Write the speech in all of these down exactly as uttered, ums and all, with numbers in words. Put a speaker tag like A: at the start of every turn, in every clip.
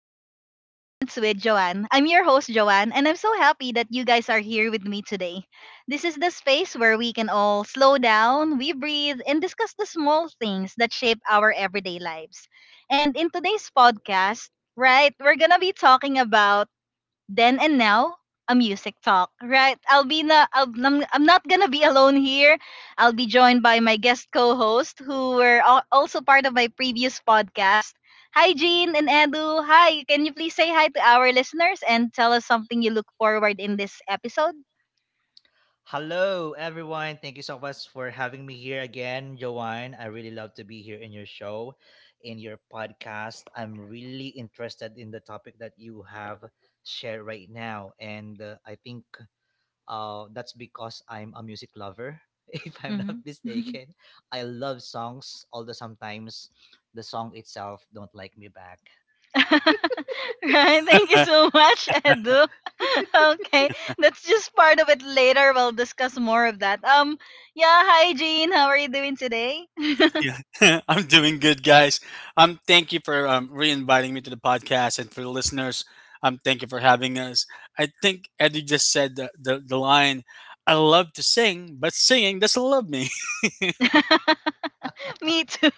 A: to Mindful Moments with Joanne. I'm your host, Joanne, and I'm so happy that you guys are here with me today. This is the space where we can all slow down, we breathe, and discuss the small things that shape our everyday lives. And in today's podcast, right, we're gonna be talking about then and Now, a music talk, right? I'll be na, I'll, I'm, I'm not gonna be alone here. I'll be joined by my guest co-host who were al- also part of my previous podcast. Hi, Jean and Edu. Hi, can you please say hi to our listeners and tell us something you look forward in this episode?
B: Hello, everyone. Thank you so much for having me here again, Joanne. I really love to be here in your show, in your podcast. I'm really interested in the topic that you have shared right now. And uh, I think uh, that's because I'm a music lover, if I'm not
A: Mm-hmm.
B: mistaken. I love songs, although sometimes the song itself don't like me back.
A: Right, thank you so much, Edu. Okay, that's just part of it later. We'll discuss more of that. Um, yeah, hi Jean, how are you doing today?
C: Yeah, I'm doing good, guys. Um, thank you for um, re-inviting me to the podcast, and for the listeners, um, thank you for having us. I think Eddie just said the, the, the line, "I love to sing, but singing doesn't love me."
A: Me too.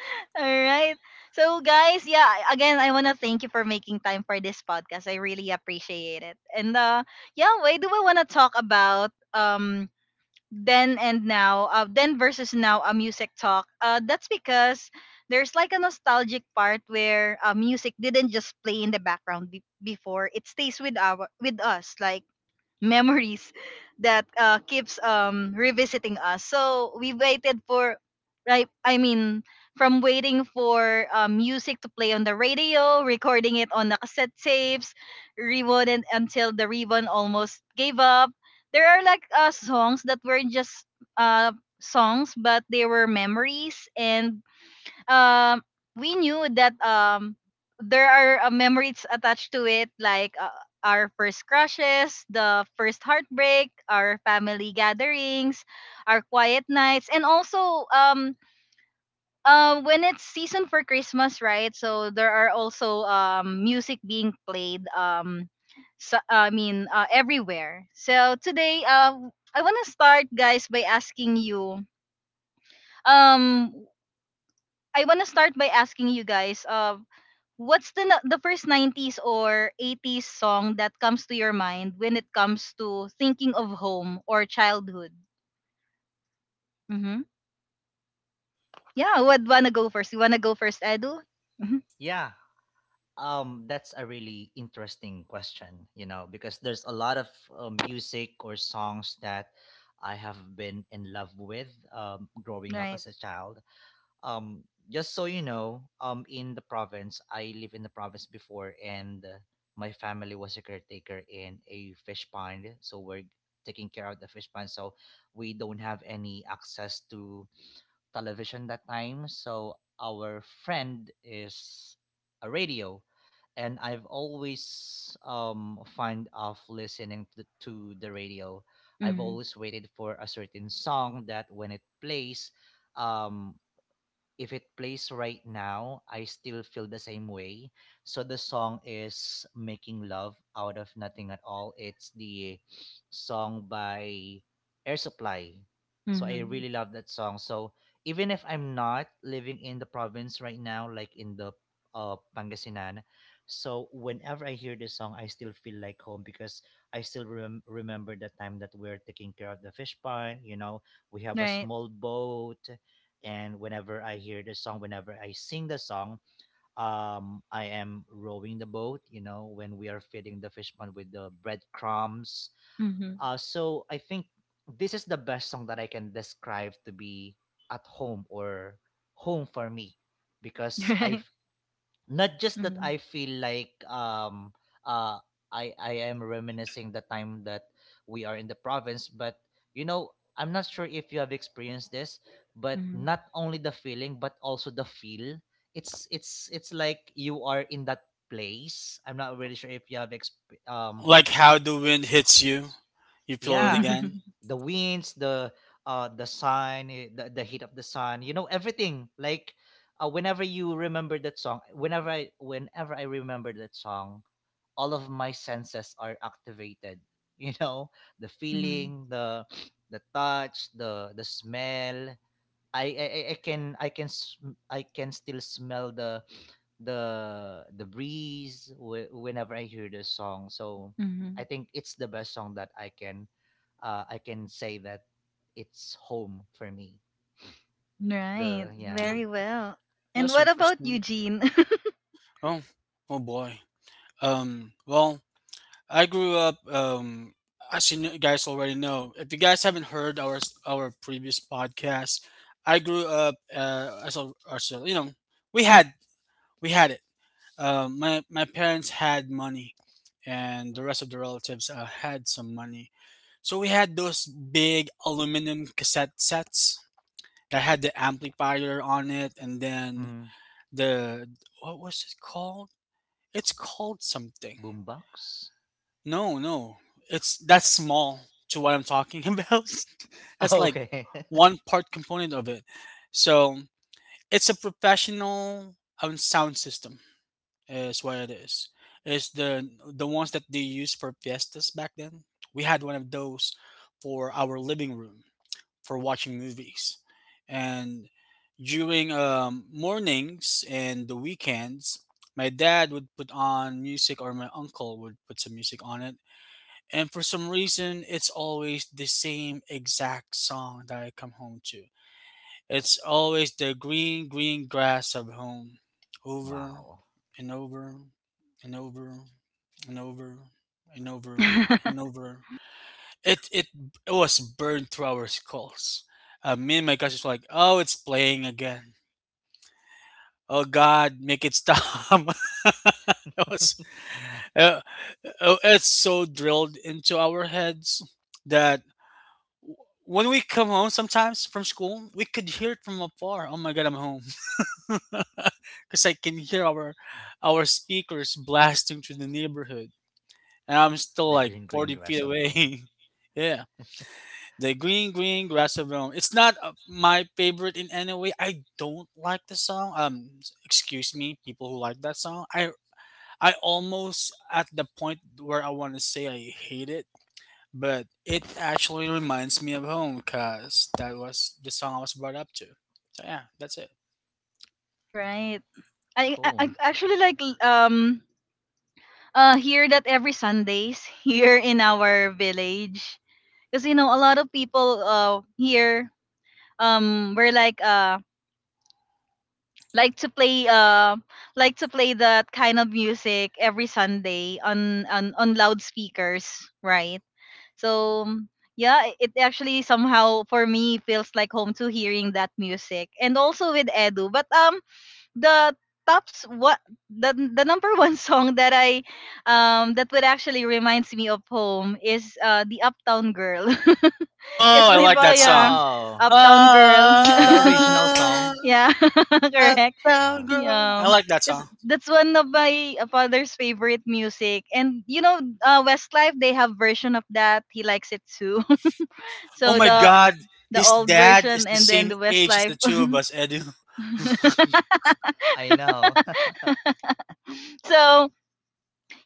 A: All right. So, guys, yeah, I- again, I want to thank you for making time for this podcast. I really appreciate it. And uh, yeah, why do we want to talk about um then and now, uh, then versus now, a music talk? Uh, that's because there's like a nostalgic part where uh, music didn't just play in the background be- before; it stays with our with us, like memories that uh, keeps um revisiting us. So we waited for right I mean, from waiting for uh, music to play on the radio, recording it on the cassette tapes, rewound until the ribbon almost gave up. There are like uh, songs that were just uh songs, but they were memories, and um we knew that um there are uh, memories attached to it, like uh, our first crushes, the first heartbreak, our family gatherings, our quiet nights, and also um uh, when it's season for Christmas, right? So there are also um music being played, um so, I mean uh, everywhere. So today uh i want to start guys by asking you um I want to start by asking you guys, uh, what's the na- the first nineties or eighties song that comes to your mind when it comes to thinking of home or childhood? Mm-hmm. Yeah, would wanna go first? You wanna go first, Edu? Mm-hmm.
B: Yeah. Um, that's a really interesting question, you know, because there's a lot of uh, music or songs that I have been in love with um, growing up
A: Right.
B: as a child. Um, just so you know, um, in the province, I live in the province before, and uh, my family was a caretaker in a fish pond, so we're taking care of the fish pond, so we don't have any access to television that time. So our friend is a radio, and I've always um find of listening to, to the radio. I've
A: Mm-hmm.
B: always waited for a certain song that when it plays, um if it plays right now, I still feel the same way. So the song is Making Love Out of Nothing at All. It's the song by Air Supply. So I
A: Mm-hmm.
B: really love that song. So even if I'm not living in the province right now, like in the uh, Pangasinan, so whenever I hear this song, I still feel like home because I still rem- remember the time that we're taking care of the fish pond. You know, we have a
A: Right.
B: small boat, and whenever I hear the song, whenever I sing the song, um, I am rowing the boat. You know, when we are feeding the fish pond with the breadcrumbs.
A: Mm-hmm.
B: Uh, so I think this is the best song that I can describe to be at home or home for me, because I,
A: Right.
B: not just that
A: Mm-hmm.
B: I feel like um uh I I am reminiscing the time that we are in the province, but you know, I'm not sure if you have experienced this, but not only the feeling but also the feel. It's it's it's like you are in that place. I'm not really sure if you have exp- um
C: Like how the wind hits you, you feel it
B: yeah,
C: again.
A: Mm-hmm.
B: the winds, the uh the sun, eh, the, the heat of the sun, you know, everything. Like uh, whenever you remember that song, whenever I whenever I remember that song, all of my senses are activated. You know, the
A: Hmm.
B: feeling, the the touch, the the smell. I I, I I can I can sm- I can still smell the the the breeze whe- whenever I hear the song. So I
A: Hmm.
B: think it's the best song that I can uh, I can say that it's home for me.
A: Right.
B: The yeah.
C: Hmm,
A: Very well. And
C: that's
A: what about
C: interesting.
A: Eugene?
C: Oh, oh boy. Um, well, I grew up, um, as you kn- guys already know, if you guys haven't heard our s- our previous podcast, I grew up uh, as a, as a- you know, we had we had it. Um, my my parents had money, and the rest of the relatives uh, had some money. So we had those big aluminum cassette sets that had the amplifier on it, and then
B: Mm.
C: the, what was it called? It's called something.
B: Boombox.
C: No, no. It's that's small to what I'm talking about. That's like
B: Okay.
C: one part component of it. So it's a professional um, sound system is what it is. It's the the ones that they used for fiestas back then. We had one of those for our living room for watching movies. And during um, mornings and the weekends, my dad would put on music or my uncle would put some music on it, and for some reason, it's always the same exact song that I come home to. It's always the green, green grass of home. Over
B: Wow,
C: and over and over and over and over and over. It it, it was burned through our skulls. Uh, me and my guys was like, oh, it's playing again. Oh, God, make it stop. It was, uh, uh, it's so drilled into our heads that when we come home sometimes from school, we could hear it from afar. Oh my god, I'm home. Cuz I can hear our our speakers blasting through the neighborhood. And I'm still
B: the
C: like
B: green
C: forty
B: green
C: feet
B: grass of home.
C: away. Yeah. The green green grass of Rome. It's not uh, my favorite in any way. I don't like the song. Um excuse me, people who like that song. I I almost at the point where I want to say I hate it, but it actually reminds me of home because that was the song I was brought up to. So yeah, that's it.
A: Right. I, I I
B: Cool.
A: actually like, l- um uh hear that every Sundays here in our village. Because, you know, a lot of people uh here um were like, uh like to play uh like to play that kind of music every Sunday on on, on loudspeakers, right? So um, yeah, i- it actually somehow for me feels like home to hearing that music, and also with Edu. But um the tops what the the number one song that I um that would actually reminds me of home is uh the Uptown Girl. 'Cause
C: Oh, I
A: may
C: like
A: pa,
C: that
A: yeah,
C: song.
B: Oh,
A: Uptown Girl.
B: the original
C: Ah,
B: song.
A: Yeah, correct.
C: uptown
B: Ah,
C: girl. I
A: Yeah.
C: like that
A: 'Cause
C: song.
A: that's one of my uh, father's favorite music, and, you know, uh, Westlife, they have version of that. He likes it too.
C: Oh
A: So
C: my
A: the
B: yeah,
C: god,
A: the
C: his
A: old
C: dad is
A: version,
C: the
A: and then
C: same
A: the
C: age as
A: Westlife.
C: the two of us, Edu.
B: I know.
A: So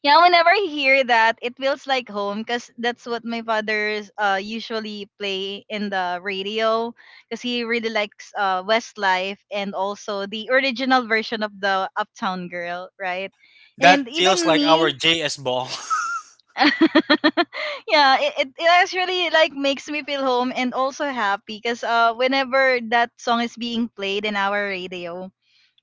A: yeah, whenever I hear that, it feels like home because that's what my father's uh usually play in the radio, because he really likes uh Westlife and also the original version of the Uptown Girl, right?
C: That
A: And
C: feels
A: even
C: like our
A: me,
C: J S ball.
A: yeah, it, it, it actually like makes me feel home and also happy, because uh whenever that song is being played in our radio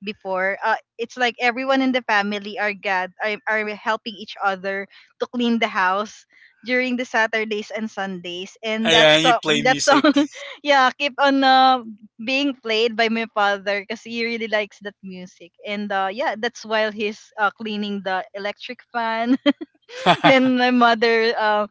A: before. Uh, it's like everyone in the family are gad are, are helping each other to clean the house during the Saturdays and Sundays. And that
C: And you
A: song,
C: play
A: that
C: music.
A: song, yeah, keep on uh, being played by my father because he really likes that music. And uh, yeah, that's while he's uh, cleaning the electric fan. Then my mother, uh,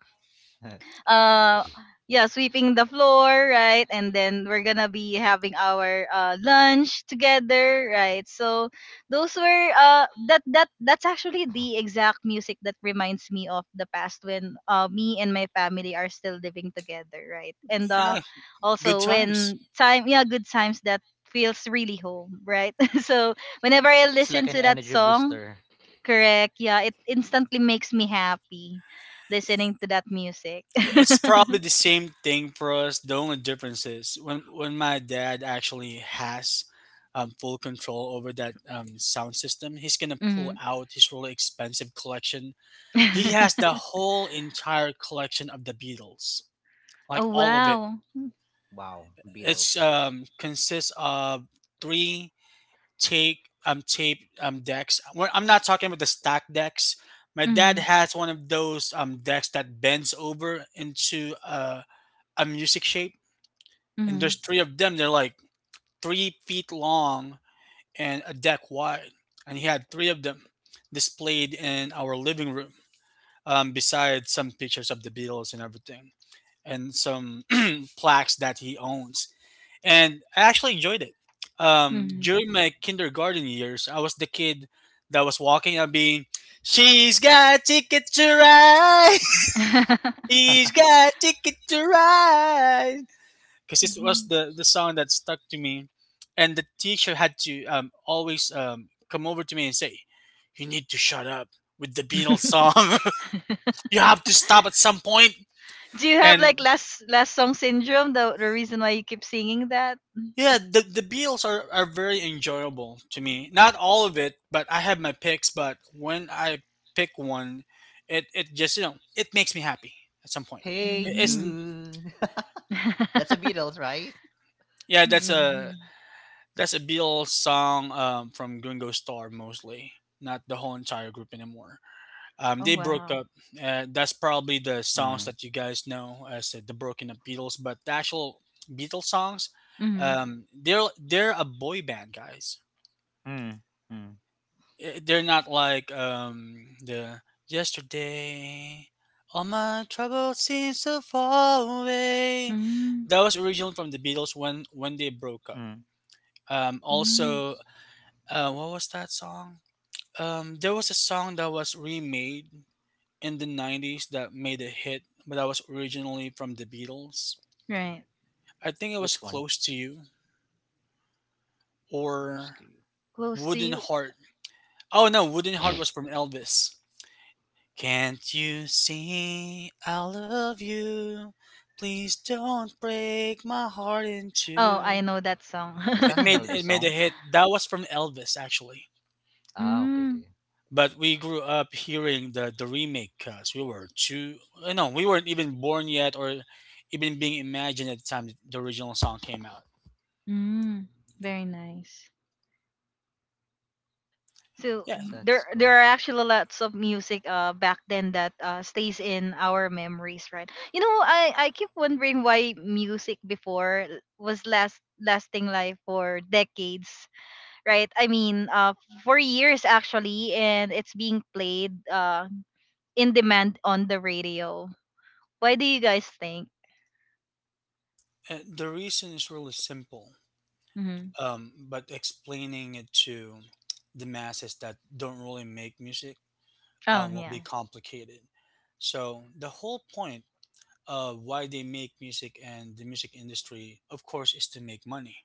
A: uh yeah, sweeping the floor, right? And then we're gonna be having our uh, lunch together, right? So those were uh that that that's actually the exact music that reminds me of the past, when uh me and my family are still living together, right? And uh
C: Yeah, good
A: also
C: times.
A: when time yeah, good times, that feels really home, right? So whenever I
B: It's
A: listen
B: like an
A: to that
B: energy
A: song.
B: booster.
A: Correct. Yeah, it instantly makes me happy listening to that music.
C: It's probably the same thing for us. The only difference is when when my dad actually has um, full control over that um, sound system, he's gonna pull
A: Hmm.
C: out his really expensive collection. He has the whole entire collection of the Beatles, like
A: Oh
C: all of it.
A: wow.
B: Wow,
C: It's
B: Beatles.
C: um, consists of three tape um tape um decks. Well, I'm not talking about the stack decks. My dad
A: Hmm.
C: has one of those um decks that bends over into uh a music shape, and
A: Hmm.
C: there's three of them. They're like three feet long and a deck wide, and he had three of them displayed in our living room, um, besides some pictures of the Beatles and everything, and some plaques that he owns. And I actually enjoyed it. Um,
A: Hmm.
C: during my kindergarten years, I was the kid that was walking and being, "She's got a ticket to ride. She's got a ticket to ride." Because this was the the song that stuck to me, and the teacher had to um, always um, come over to me and say, "You need to shut up with the beatles song. You have to stop at some point point."
A: Do you have like
C: And
A: last last song syndrome? The the reason why you keep singing that.
C: yeah, the, the beatles are, are very enjoyable to me, not all of it, but I have my picks. But when I pick one, it, it just, you know, it makes me happy at some point.
B: Hey
C: It- it's
A: Mm-hmm.
B: Jude. That's a Beatles, right?
C: yeah, that's a that's a beatles song, um, from gringo star mostly, not the whole entire group anymore. Um,
A: Oh
C: they broke
A: wow.
C: up. Uh, that's probably the songs
B: Mm,
C: that you guys know as uh, the broken up Beatles. But the actual Beatles songs,
A: Hmm.
C: um, they're they're a boy band, guys.
B: mm, mm,
C: Eh, they're not like um, the yesterday. All my troubles seem so far away.
A: Hmm.
C: That was originally from the Beatles when when they broke up.
B: mm.
C: Um, also,
A: Hmm.
C: uh, what was that song? Um, there was a song that was remade in the nineties that made a hit, but that was originally from the Beatles.
A: Right.
C: I think it was
B: Which one?
C: Close to You
B: Close
C: or
B: to you.
A: Close to
C: Wooden
A: you.
C: Heart. Oh no, Wooden Heart was from Elvis. Can't you see I love you? Please don't break my heart in
A: Oh, I
C: two.
A: know that song.
B: Is
C: It
B: that an
C: made it
B: Elvis
C: made a
B: song?
C: hit. That was from Elvis actually.
B: Ah, okay,
A: Mm.
B: okay.
C: But we grew up hearing the the remake because we were two, uh, no, we weren't even born yet, or even being imagined at the time the original song came out.
A: Mm. Very nice. So
C: Yeah,
A: there
B: That's
A: there
B: cool.
A: are actually lots of music uh back then that uh stays in our memories, right? You know, I I keep wondering why music before l- was last lasting like for decades, right? I mean, uh for years actually, and it's being played uh in demand on the radio. Why do you guys think?
C: uh, the reason is really simple,
A: Mhm.
C: um, but explaining it to the masses that don't really make music
A: Oh,
C: um, will be
A: yeah.
C: complicated. So the whole point of why they make music and the music industry of course is to make money,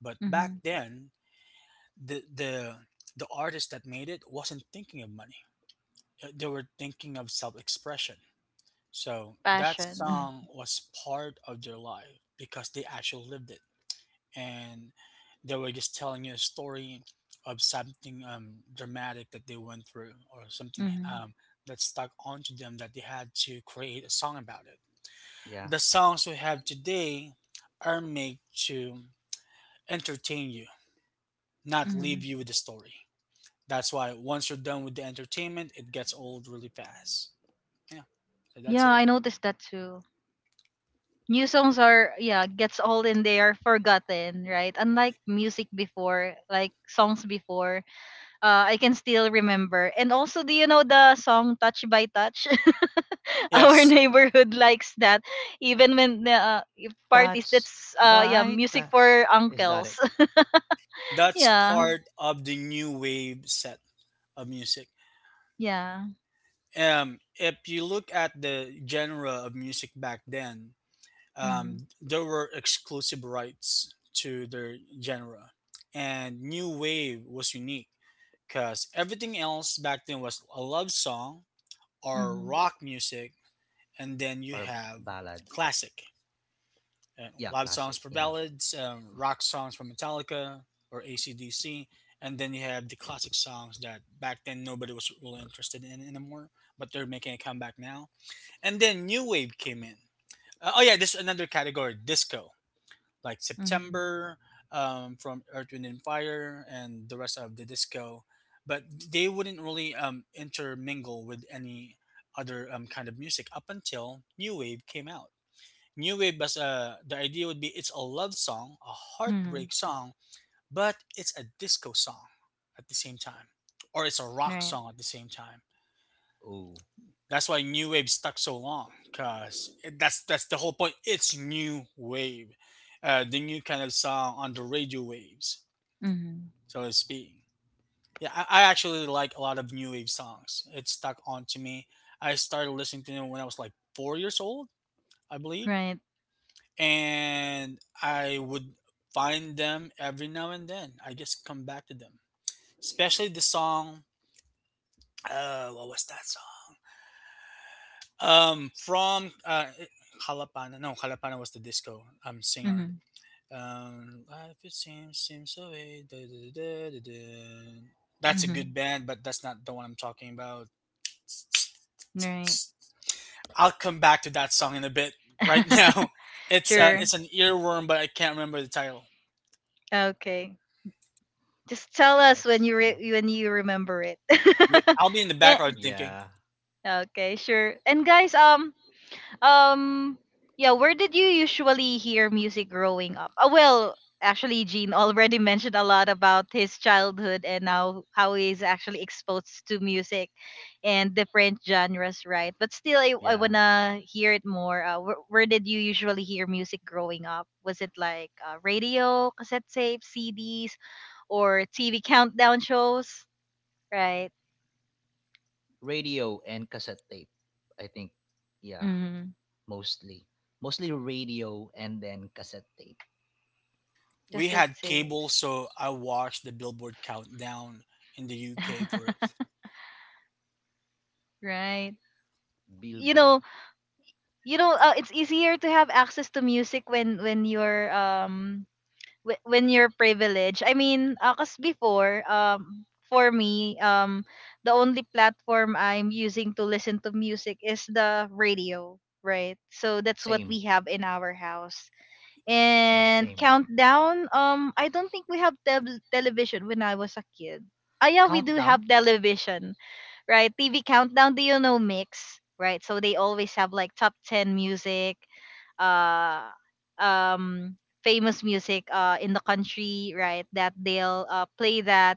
C: but back
A: Mhm.
C: then the the the artist that made it wasn't thinking of money. Uh, They were thinking of self-expression. So that
A: Passion.
C: song was part of their life because they actually lived it, and they were just telling you a story of something um, dramatic that they went through or something
A: Mhm.
C: um, that stuck onto them that they had to create a song about it.
B: Yeah.
C: The songs we have today are made to entertain you, not leave
A: Mhm.
C: you with a story. That's why once you're done with the entertainment, it gets old really fast. Yeah. So that's
A: Yeah,
C: it.
A: I noticed that too. New songs are, yeah, gets old and they are forgotten, right? Unlike music before, like songs before, uh, I can still remember. And also, do you know the song Touch by Touch? Our
C: Yes,
A: neighborhood likes that, even when the uh, if parties,
B: Touch
A: that's uh yeah,
B: by
A: music
B: touch.
A: for
B: Is that
A: uncles.
B: it?
C: that's
A: Yeah,
C: part of the new wave set of music.
A: yeah.
C: Um, if you look at the genre of music back then,
A: Mm-hmm.
C: um, there were exclusive rights to their genre, and new wave was unique because everything else back then was a love song or
A: Mm-hmm.
C: rock music, and then you
B: Or
C: have
B: ballad?
C: classic, uh,
B: Yeah,
C: love songs
B: classic.
C: for
B: Yeah.
C: ballads, um, rock songs from Metallica or A C D C, and then you have the classic songs that back then nobody was really interested in anymore, but they're making a comeback now. And then new wave came in. Uh, oh yeah, this is another category, disco, like
A: Mm-hmm.
C: September um, from Earth, Wind and Fire and the rest of the disco, but they wouldn't really um, intermingle with any other um, kind of music up until New Wave came out. New Wave was, uh, the idea would be it's a love song, a
A: Hmm.
C: heartbreak song, but it's a disco song at the same time, or it's a rock
A: Right.
C: song at the same time.
B: Oh,
C: That's why new wave stuck so long, cause that's that's the whole point. It's new wave, uh, the new kind of song on the radio waves,
A: Mm-hmm.
C: so to speak. Yeah, I, I actually like a lot of new wave songs. It stuck onto me. I started listening to them when I was like four years old, I believe,
A: Right.
C: and I would find them every now and then. I just come back to them, especially the song. Uh, what was that song? Um, from uh, Jalapana. No, Jalapana was the disco um singer.
A: Mm-hmm.
C: Um, life it seems seems so way. Da, da, da, da, da, da. That's a
A: Mm-hmm.
C: good band, but that's not the one I'm talking about.
A: Right.
C: I'll come back to that song in a bit. Right now, it's uh,
A: Sure.
C: it's an earworm, but I can't remember the title.
A: Okay. Just tell us when
B: that's
A: you
B: cool.
A: re- when you remember it.
C: Yep, I'll be in the
A: Eh,
C: background thinking.
B: Yeah,
A: okay, sure. And guys, um, um, yeah, where did you usually hear music growing up? Uh, well, actually, Gene already mentioned a lot about his childhood and now how he's actually exposed to music and different genres, right? But still, I, I
B: yeah.
A: wanna hear it more. Uh, where, where did you usually hear music growing up? Was it like, uh, radio, cassette tapes, C Ds, or T V countdown shows? Right.
B: Radio and cassette tape. I think, yeah,
A: Mm,
B: mostly, mostly radio and then cassette tape.
C: We
A: cassette
C: had cable,
A: tapes.
C: so I watched the Billboard Countdown in the U K for it.
A: Right. You
B: Billboard.
A: know, you know uh, it's easier to have access to music when when you're um wh- when you're privileged. I mean, because before, um for me, um the only platform I'm using to listen to music is the radio, right? So that's what
B: Same,
A: we have in our house.
B: yeah,
A: And
B: same.
A: countdown, um I don't think we have tel television when I was a kid. Ah, yeah, we do
B: Countdown.
A: have television, right? T V Countdown, do you know Mix, right? So they always have like top ten music, uh, um, famous music uh, in the country, right? That they'll uh, play that.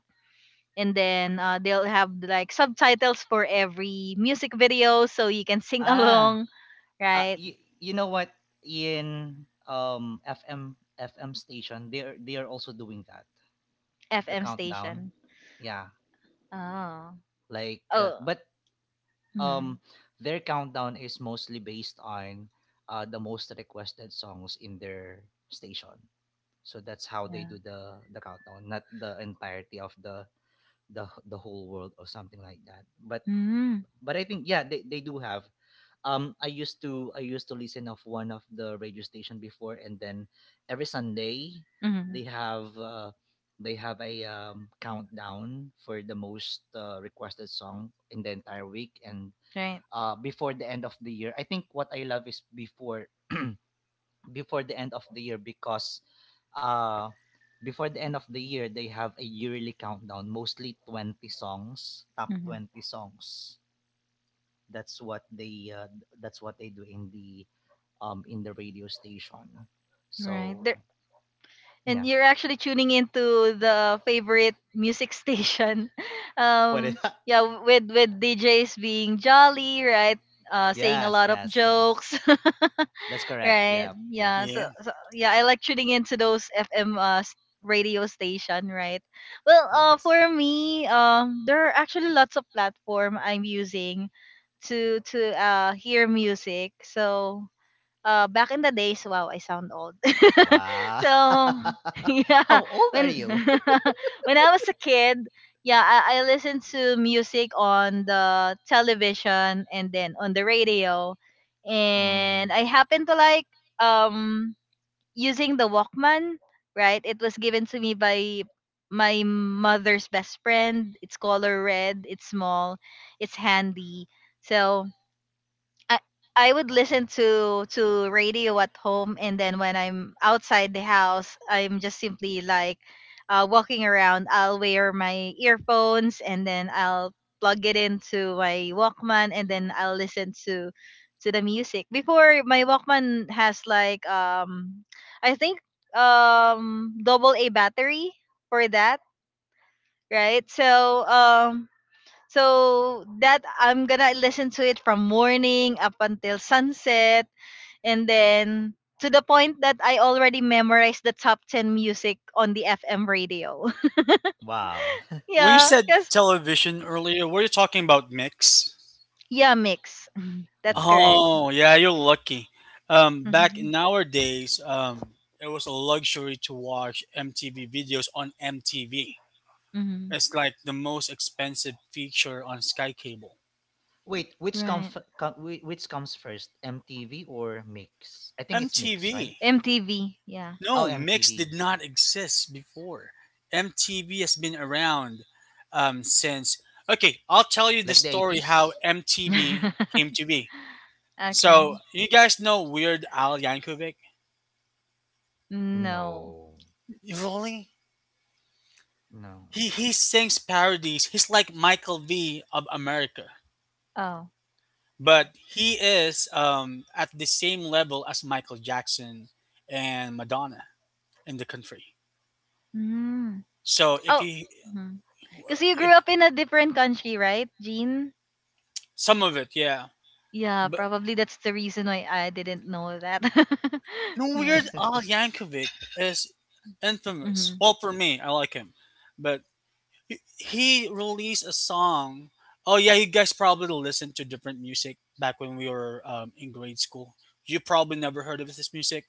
A: And then uh, they'll have like subtitles for every music video, so you can sing
B: Ah,
A: along,
B: uh,
A: right?
B: you, you know what? In um F M FM station, they are they are also doing that. The
A: F M
B: countdown.
A: station.
B: Yeah,
A: Oh.
B: like uh,
A: Oh.
B: but um
A: Mhm.
B: their countdown is mostly based on uh, the most requested songs in their station. So that's how they
A: Yeah.
B: do the the countdown, not the entirety of the the h- the whole world or something like that. But
A: Mm-hmm.
B: but I think yeah, they, they do have. Um, I used to I used to listen of one of the radio station before, and then every Sunday
A: Mm-hmm.
B: they have uh, they have a um, countdown for the most uh, requested song in the entire week, and
A: Right.
B: uh, before the end of the year. I think what I love is before before the end of the year, because uh before the end of the year they have a yearly countdown, mostly twenty songs, top
A: Hmm.
B: twenty songs. That's what they uh, that's what they do in the um in the radio station,
A: Right.
B: so
A: There. And
B: yeah.
A: you're actually tuning into the favorite music station.
B: What is
A: Um,
B: that?
A: yeah, with with D Js being jolly, right? Uh, saying a
B: Yes,
A: lot of
B: yes, yes,
A: jokes.
B: that's correct,
A: Right?
B: yeah, yeah.
A: Yeah, so,
C: Yeah.
A: so yeah, I like tuning into those F M uh, s- radio station, right? Well, uh, for
B: Yes.
A: me, um, there are actually lots of platform I'm using to to uh hear music. So uh, back in the days, wow, I sound old.
B: Wow.
A: So
B: How
A: yeah,
B: old are
A: when
B: you?
A: when I was a kid, yeah, I, I listened to music on the television and then on the radio,
B: Mm.
A: and I happened to like um using the Walkman. Right, it was given to me by my mother's best friend. It's color red. It's small. It's handy. So I I would listen
B: Walkman.
A: to to radio at home, and then when I'm outside the house, I'm just simply like uh, walking around. I'll wear my earphones, and then I'll plug it into my Walkman, and then I'll listen to to the music. Before my Walkman has like, um I think, um double A battery for that, right? So um so that I'm gonna listen to it from morning up until sunset, and then to the point that I already memorized the top ten music on the F M radio.
B: Wow.
C: When you
A: Yeah,
C: said
A: yes,
C: television earlier, were you talking about mix?
A: yeah, mix. Mhm. That's correct.
B: Mix.
C: Oh, yeah, you're lucky. Um, back
A: Mhm,
C: in our days, um, it was a luxury to watch M T V videos on M T V.
A: mhm.
C: It's like the most expensive feature on Sky Cable.
B: Wait, which
A: Right,
B: comes which comes first, M T V or Mix? I think it's Mix, right?
C: M T V.
A: M T V. Yeah.
B: Oh,
C: No, Mix did
B: M T V,
C: not exist before. M T V has been around um, since. Okay, I'll tell you the
B: like the
C: story how
B: eighties?
C: M T V came to be.
A: Okay.
C: So, you guys know Weird Al Yankovic?
A: No.
B: No,
C: Really?
B: no.
C: He he sings parodies. He's like Michael V of America,
A: Oh.
C: but he is um, at the same level as Michael Jackson and Madonna in the country.
A: Mm.
C: So if
A: Oh.
C: he,
A: Because you grew
C: if
A: up in a different country, right, Jean?
C: some of it, yeah,
A: Yeah,
C: but
A: probably that's the reason why I didn't know that.
C: no,
A: Yeah.
C: Weird Al Yankovic is infamous.
A: Mhm.
C: Well, for me, I like him, but he he released a song. Oh yeah, you guys probably listened to different music back when we were um, in grade school. You probably never heard of this music.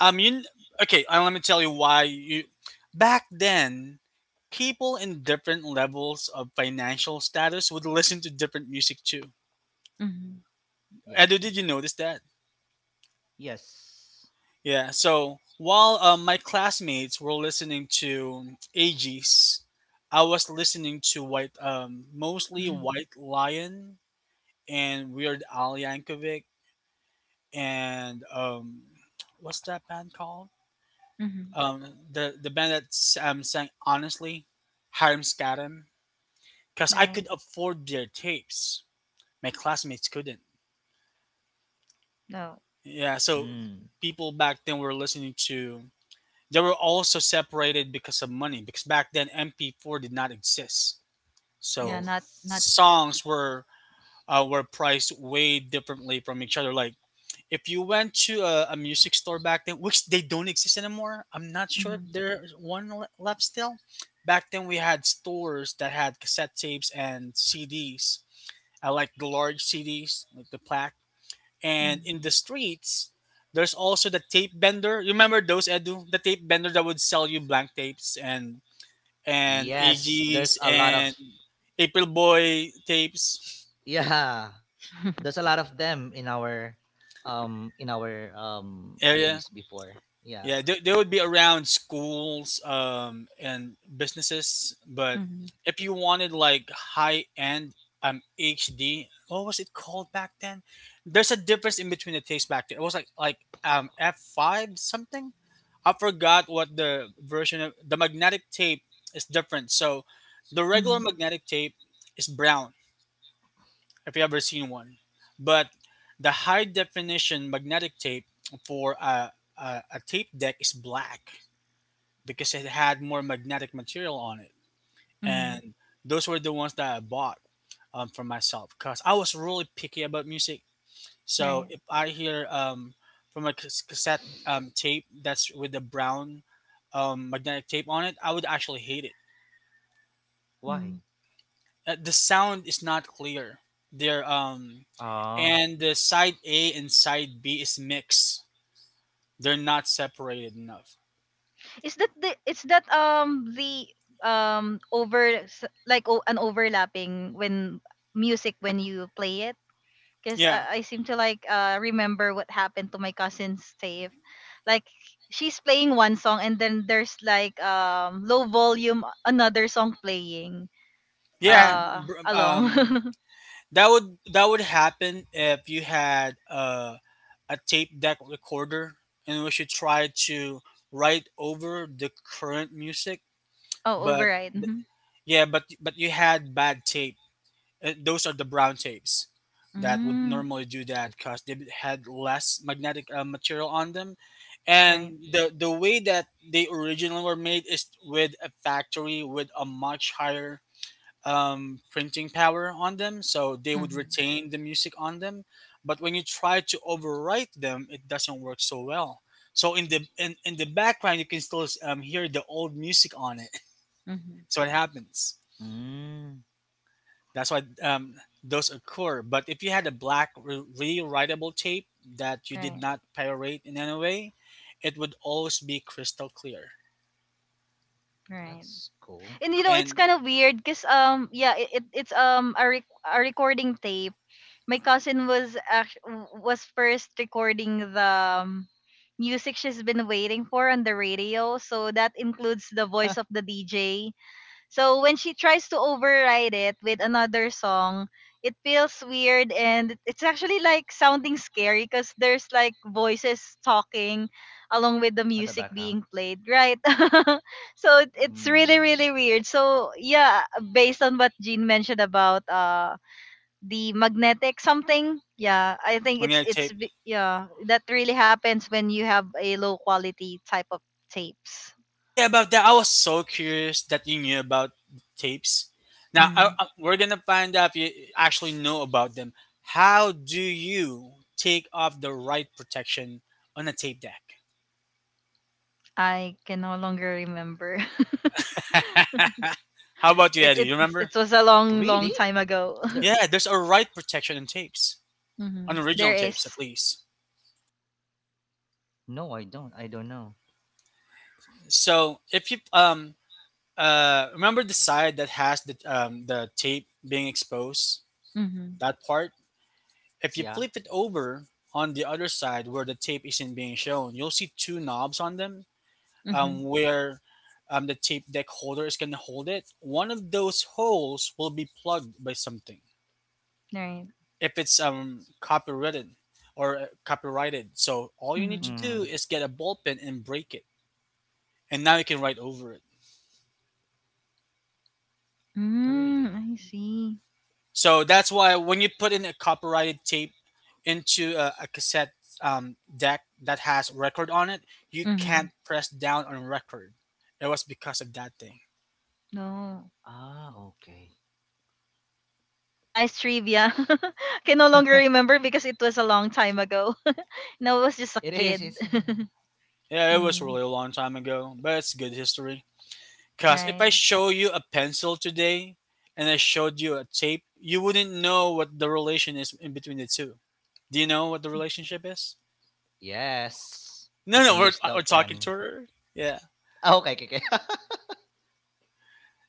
C: Um, you okay? Uh, let me tell you why you. Back then, people in different levels of financial status would listen to different music too.
A: Mhm.
B: Yep.
C: Edo, did you notice that?
B: Yes.
C: Yeah. So while uh, my classmates were listening to A Gs, I was listening to White, um, mostly
A: Mhm.
C: White Lion and Weird Al Yankovic and um, what's that band called?
A: Mhm.
C: um the the band that um sang honestly, Hiram Scatum, because I
A: Right.
C: could afford their tapes, my classmates couldn't.
A: No.
C: Yeah, so
B: Mm,
C: people back then were listening to, they were also separated because of money, because back then M P four did not exist.
A: Yeah,
C: So
A: not not
B: yes.
A: yet.
C: songs were uh, were priced way differently from each other. Like, if you went to a, a music store back then, which they don't exist anymore, I'm not sure if
A: Mhm.
C: there's one le- left still. Back then, we had stores that had cassette tapes and C Ds. I like the large C Ds, like the plaque. And
A: Mhm.
C: in the streets, there's also the tape vendor. You remember those, Edu? The tape vendor that would sell you blank tapes and and A
B: Yes. There's
C: G's
B: a lot of,
C: and April Boy tapes.
B: yeah. There's a lot of them in our um in our um place
C: Area.
B: before. Yeah.
C: Yeah, they, they would be around schools um, and businesses. But
A: Mhm.
C: if you wanted like high end um, H D, what was it called back then? There's a difference in between the taste back then. It was like like um, F five something. I forgot what the version of the magnetic tape is different. So the regular
A: Mhm.
C: magnetic tape is brown if you ever seen one. But the high definition magnetic tape for a, a, a tape deck is black because it had more magnetic material on it.
A: Mhm.
C: And those were the ones that I bought, um, for myself because I was really picky about music. So
A: Right.
C: if I hear um, from a cas- cassette um, tape that's with the brown um, magnetic tape on it, I would actually hate it.
B: Why?
A: Mm.
C: Uh, the sound is not clear. They're um,
B: Ah,
C: and the side A and side B is mixed. They're not separated enough.
A: Is that the is that um the um over s- like o- an overlapping when music when you play it? Because
C: Yeah,
A: I, I seem to like uh remember what happened to my cousin's save. Like, she's playing one song, and then there's like um low volume another song playing
C: yeah.
B: really?
A: uh
C: Br-
A: along.
C: Um, that would that would happen if you had uh, a tape deck recorder in which you try to write over the current music.
A: Oh,
C: But
A: override. Mm-hmm.
C: yeah, but but you had bad tape. Uh, those are the brown tapes that would
A: Mm,
C: normally do
B: I,
C: that because they had less magnetic uh, material on them,
A: right.
C: and the the way that they originally were made is with a factory with a much higher um, printing power on them, so they would
A: Mm-hmm.
C: retain the music on them. But when you try to overwrite them, it doesn't work so well, so in the in, in the background, you can still um, hear the old music on it.
A: Mm-hmm.
C: So it happens.
B: mm,
C: That's why um, those occur. But if you had a black re- rewritable tape that you did
A: Right.
C: not pyrate in any way, it would always be crystal clear.
A: Right.
B: that's cool.
A: And you know it's
C: And
A: kind of weird because um yeah it, it it's um a rec- a recording tape. My cousin was act- was first recording the um, music she's been waiting for on the radio, so that includes the
B: At
A: voice of the D J. So when she tries to override it with another song, it feels weird, and it- it's actually like sounding scary because there's like voices talking along with the
B: the
A: music
B: background.
A: being played, right? So it- it's really
B: Mm.
A: really weird, so yeah. Based on what Jean mentioned about uh the magnetic something, yeah, I think it's
C: magnetic
A: it's
C: tape.
A: b- yeah, that really happens when you have a low quality type of tapes.
C: Oh yeah, about that. I was so curious that you knew about tapes. Now I,
A: mm,
C: I- we're gonna find out if you actually know about them. How do you take off the write protection on a tape deck?
A: I can no longer remember.
C: How about you,
A: it,
C: Eddie?
A: it
C: You remember?
A: it was a long long
B: Really?
A: time ago.
B: The,
C: Yeah, there's a write protection in tapes,
A: Mm-hmm.
C: on original
A: There
C: tapes
A: is.
C: at least.
B: no, I don't. I don't know.
C: So if you um uh remember the side that has the um the tape being exposed,
A: Mm-hmm.
C: that part, if you
B: Yeah.
C: flip it over on the other side where the tape isn't being shown, you'll see two knobs on them
A: Mm-hmm.
C: um where um the tape deck holder is gonna hold it. One of those holes will be plugged by something
A: Right.
C: if it's um copyrighted or uh, copyrighted. So all you
A: Mm-hmm.
C: need to do
B: Mm.
C: is get a ball pen and break it, and now you can write over it.
A: Mm,
B: Really?
A: I see.
C: So that's why when you put in a copyrighted tape into a, a cassette, um, deck that has record on it, you
A: Mm-hmm.
C: can't press down on record. It was because of that thing.
A: No,
B: Ah, okay.
A: nice trivia. Can no longer remember because it was a long time ago. No, I was just a
B: It is.
A: kid.
B: It's.
C: Yeah, it was
A: Mm.
C: really a long time ago, but it's good history. Because if
A: Right.
C: I show you a pencil today and I showed you a tape, you wouldn't know what the relation is in between the two. Do you know what the relationship is?
B: Yes. You
C: No, no,
B: can
C: we're,
B: use
C: uh,
B: the
C: we're talking
B: pen.
C: to her. Yeah.
B: Ah, okay, okay, okay.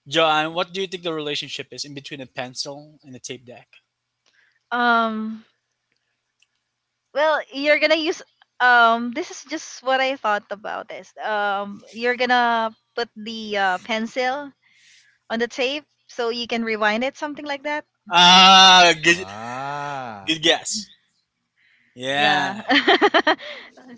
C: John, what do you think the relationship is in between a pencil and a tape deck?
A: um Well, you're gonna use, um this is just what I thought about this. Um you're gonna put the uh, pencil on the tape so you can rewind it, something like that.
C: Ah, good,
B: Ah,
C: good guess.
B: yeah.
A: Yeah.
C: Yeah,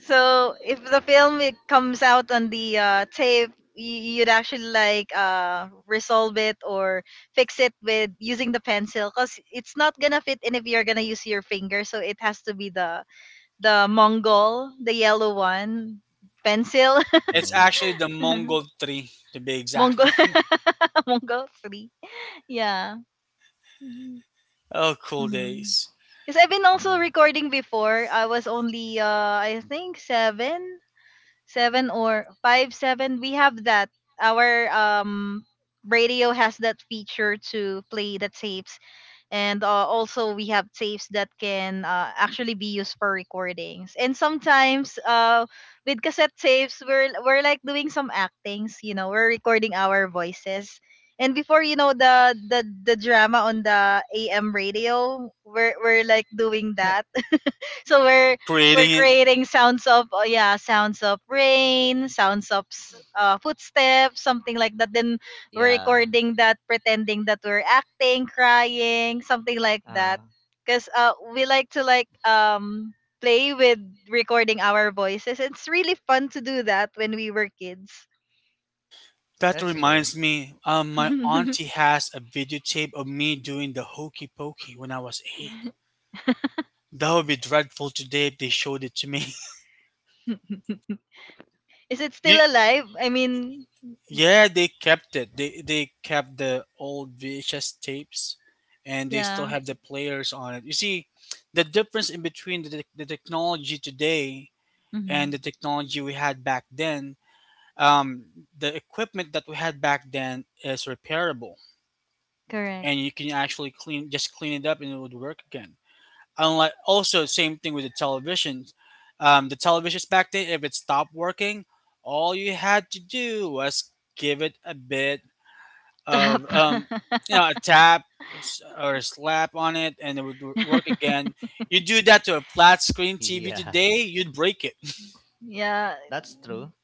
A: So if the film it comes out on the uh, tape, y- you'd actually like uh resolve it or fix it with using the pencil, because it's not gonna fit in if you're gonna use your finger. So it has to be the the Mongol, the yellow one pencil.
C: it's actually the Mongol tree to be exact.
A: Mongol. Mongol three. Yeah. Mhm.
C: Oh, cool
A: Because
C: days.
A: 'Cause I've been also
B: Yeah.
A: recording before. I was only uh I think seven, seven or 5 7. We have that. Our um radio has that feature to play the tapes. And uh, also we have tapes that can uh, actually be used for recordings, and sometimes uh, with cassette tapes, we're we're like doing some actings. You know we're recording our voices. And before, you know the the, the drama on the A M radio, we're, we're like doing that. So
C: You were
A: we're we're
C: recreating it.
A: creating sounds of, oh yeah, sounds of rain, sounds of s- uh, footsteps, something like that. Then we're
B: Yeah.
A: recording that, pretending that we're acting crying, something like that.
B: Uh,
A: Because uh, we like to like um play with recording our voices. It's really fun to do that when we were kids.
C: That
B: that's true.
C: reminds me, um, my auntie has a videotape of me doing the hokey pokey when I was eight. That would be dreadful today if they showed it to me.
A: Is it still
C: Do-
A: alive? I mean,
C: yeah, they kept it. They they kept the old V H S tapes, and they still
A: yeah.
C: have the players on it. You see, the difference in between the, the technology today and
A: Hmm.
C: the technology we had back then, um, the equipment that we had back then is repairable,
A: Correct.
C: and you can actually clean, just clean it up, and it would work again. Unlike also, same thing with the televisions, um, the televisions back then, if it stopped working, all you had to do was give it a bit of
A: Tap.
C: um, you know, a tap, s- or a slap on it, and it would w- work again. You do that to a flat screen TV
B: Yeah.
C: today, you'd break it.
A: Yeah.
B: That's true.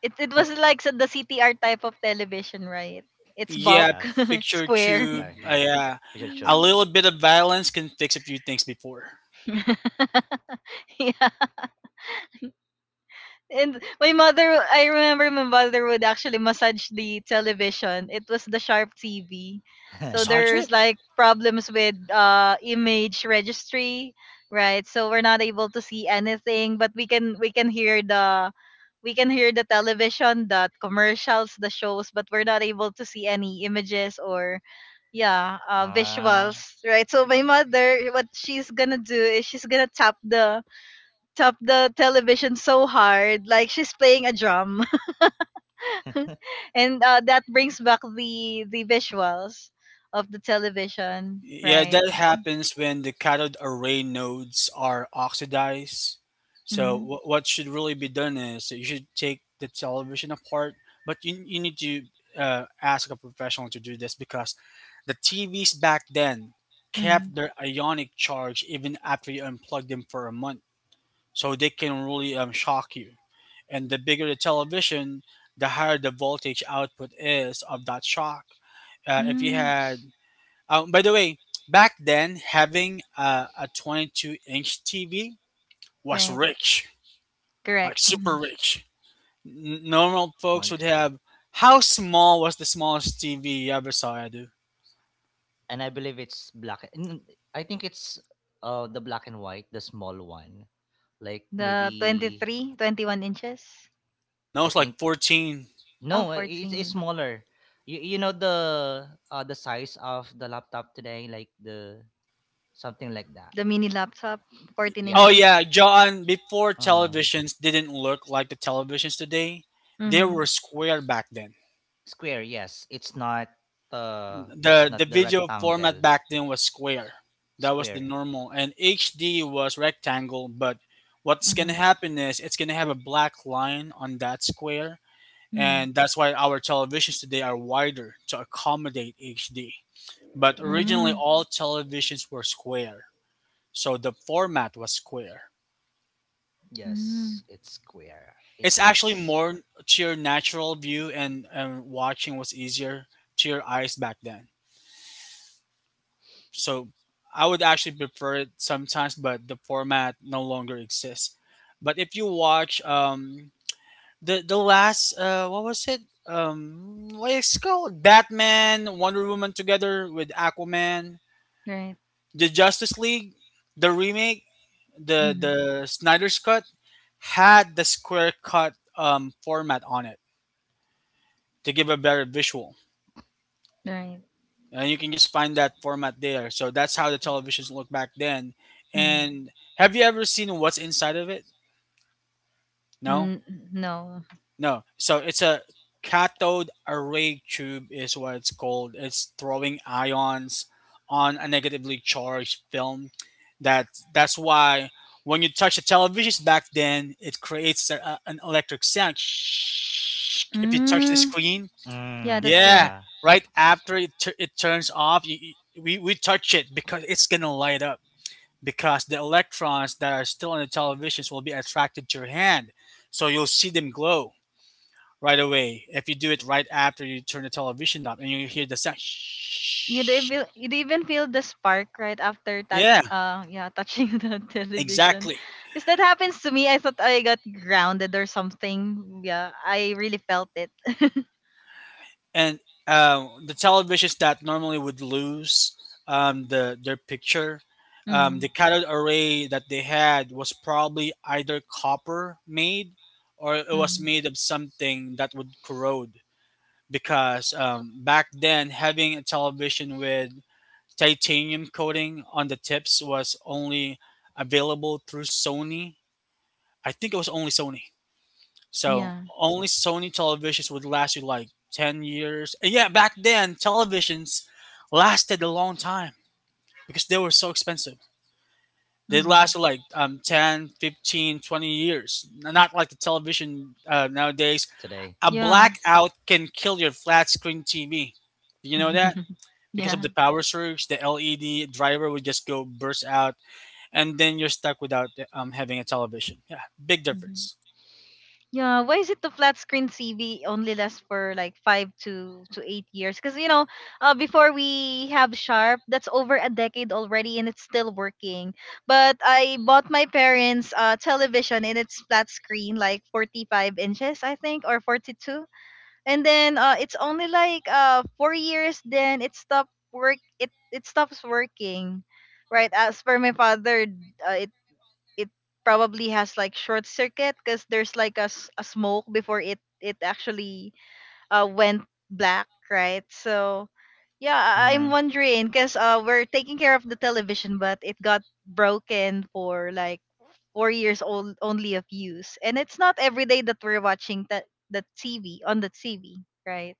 A: It it was like sa- the C T R type of television, right? It's bulk.
C: Yeah,
B: Yes.
C: picture
B: The
A: Square.
C: tube.
B: C T R.
C: Uh,
B: Yeah.
C: yeah,
B: Picture
C: a
B: tube.
A: Mm.
C: little bit of violence can fix a few things before.
A: Yeah. And my mother, I remember my mother would actually massage the television. It was the Sharp T V. So
C: Massage it?
A: there's like problems with uh image registry, right? So we're not able to see anything, but we can we can hear the we can hear the television, the commercials, the shows, but we're not able to see any images or, yeah, uh,
B: Ah,
A: visuals, right? So my mother, what she's gonna do is she's gonna tap the up the television so hard, like she's playing a drum. And uh, that brings back the the visuals of the television,
C: Yeah,
A: right?
C: that happens when the cathode array nodes are oxidized. So
A: Mm-hmm.
C: wh- what should really be done is that you should take the television apart, but you, you need to uh, ask a professional to do this because the T Vs back then
A: Mm-hmm.
C: kept their ionic charge even after you unplug them for a month, so they can really um, shock you. And the bigger the television, the higher the voltage output is of that shock. Uh, if you
A: Mm,
C: had, uh, by the way, back then having a, a twenty-two inch T V was
A: right,
C: rich,
A: correct.
C: like super
A: Mhm.
C: rich. N- normal folks would
B: agree.
C: have. How small was the smallest T V you ever saw? I do.
B: And I believe it's black. n- I think it's uh the black and white, the small one. Like
A: The
B: maybe
A: twenty-three, twenty-one inches.
C: No,
B: I
C: it's like
B: think
C: fourteen.
A: Oh,
B: no, i- it's it's
A: fourteen.
B: smaller. You, you know the uh the size of the laptop today, like the something like that.
A: The mini laptop, fourteen
C: Oh
B: Yeah.
C: yeah,
A: inches.
C: John. Before,
B: Uh,
C: televisions didn't look like the televisions today, they were
A: Mm-hmm.
C: square back then.
B: square. Yes, it's not uh it's
C: the
B: not
C: the
B: the
C: video format
B: rectangle.
C: back then was square. That was the
B: Square.
C: normal, and H D was rectangle. But what's gonna
A: Mm-hmm.
C: happen is it's gonna have a black line on that square,
A: Mm-hmm.
C: and that's why our televisions today are wider to accommodate H D. But originally,
A: Mm-hmm.
C: all televisions were square, so the format was square.
B: Yes,
A: Mm-hmm.
B: it's square. It
C: It's
B: was
C: actually
B: square.
C: more to your natural view, and, and watching was easier to your eyes back then. So I would actually prefer it sometimes, but the format no longer exists. But if you watch um the the last uh what was it? Um, what is it called? Batman, Wonder Woman, together with Aquaman,
A: Right.
C: the Justice League, the remake, the
A: Mm-hmm.
C: the Snyder's cut had the square cut um format on it to give a better visual.
A: Right.
C: And you can just find that format there. So that's how the televisions looked back then.
A: Mm-hmm.
C: And have you ever seen what's inside of it? No?
A: N- no.
C: No. So it's a cathode array tube is what it's called. It's throwing ions on a negatively charged film. That, that's why when you touch the televisions back then, it creates a, an electric sound. If you touch the
A: Mm,
C: screen,
A: yeah,
B: Mm,
A: that's
C: yeah,
B: yeah.
A: correct.
C: right after it, tu- it turns off, you, you- we, we touch it because it's going to light up because the electrons that are still on the televisions will be attracted to your hand. So you'll see them glow right away if you do it right after you turn the television up and you hear the sound.
A: you'd even you'd even feel the spark right after that,
C: Yeah,
A: uh yeah, touching the television,
C: exactly.
A: because that happens to me. I thought I got grounded or something. Yeah, I really felt it.
C: And um, the televisions that normally would lose um, the their picture, um,
A: Mm-hmm.
C: the cathode array that they had was probably either copper made or it was
A: Mm-hmm.
C: made of something that would corrode. Because um, back then, having a television with titanium coating on the tips was only available through Sony. I think it was only Sony. So
A: Yeah.
C: only Sony televisions would last you like ten years. And yeah, back then, televisions lasted a long time because they were so expensive. They
A: Mm-hmm.
C: lasted like um, ten, fifteen, twenty years. Not like the television uh, nowadays.
B: Today.
C: A
A: Yeah.
C: blackout can kill your flat screen T V. Do you know that? Because of
A: Yeah.
C: the power surge, the L E D driver would just go burst out, and then you're stuck without um, having a television. Yeah, big
A: Hmm.
C: difference.
A: Yeah, why is it the flat screen T V only lasts for like five to to eight years? Because you know, uh, before, we have Sharp, that's over a decade already, and it's still working. But I bought my parents' uh television, and it's flat screen, like forty-five inches, I think, or forty two. And then uh, it's only like uh four years, then it stopped work. It it stops working, right? As per my father, uh, it it probably has like short circuit, because there's like a, s- a smoke before it it actually uh went black, right? So yeah. I- I'm
B: Mm.
A: wondering because uh we're taking care of the television, but it got broken for like four years old only of use, and it's not every day that we're watching that, the tv on the T V, right?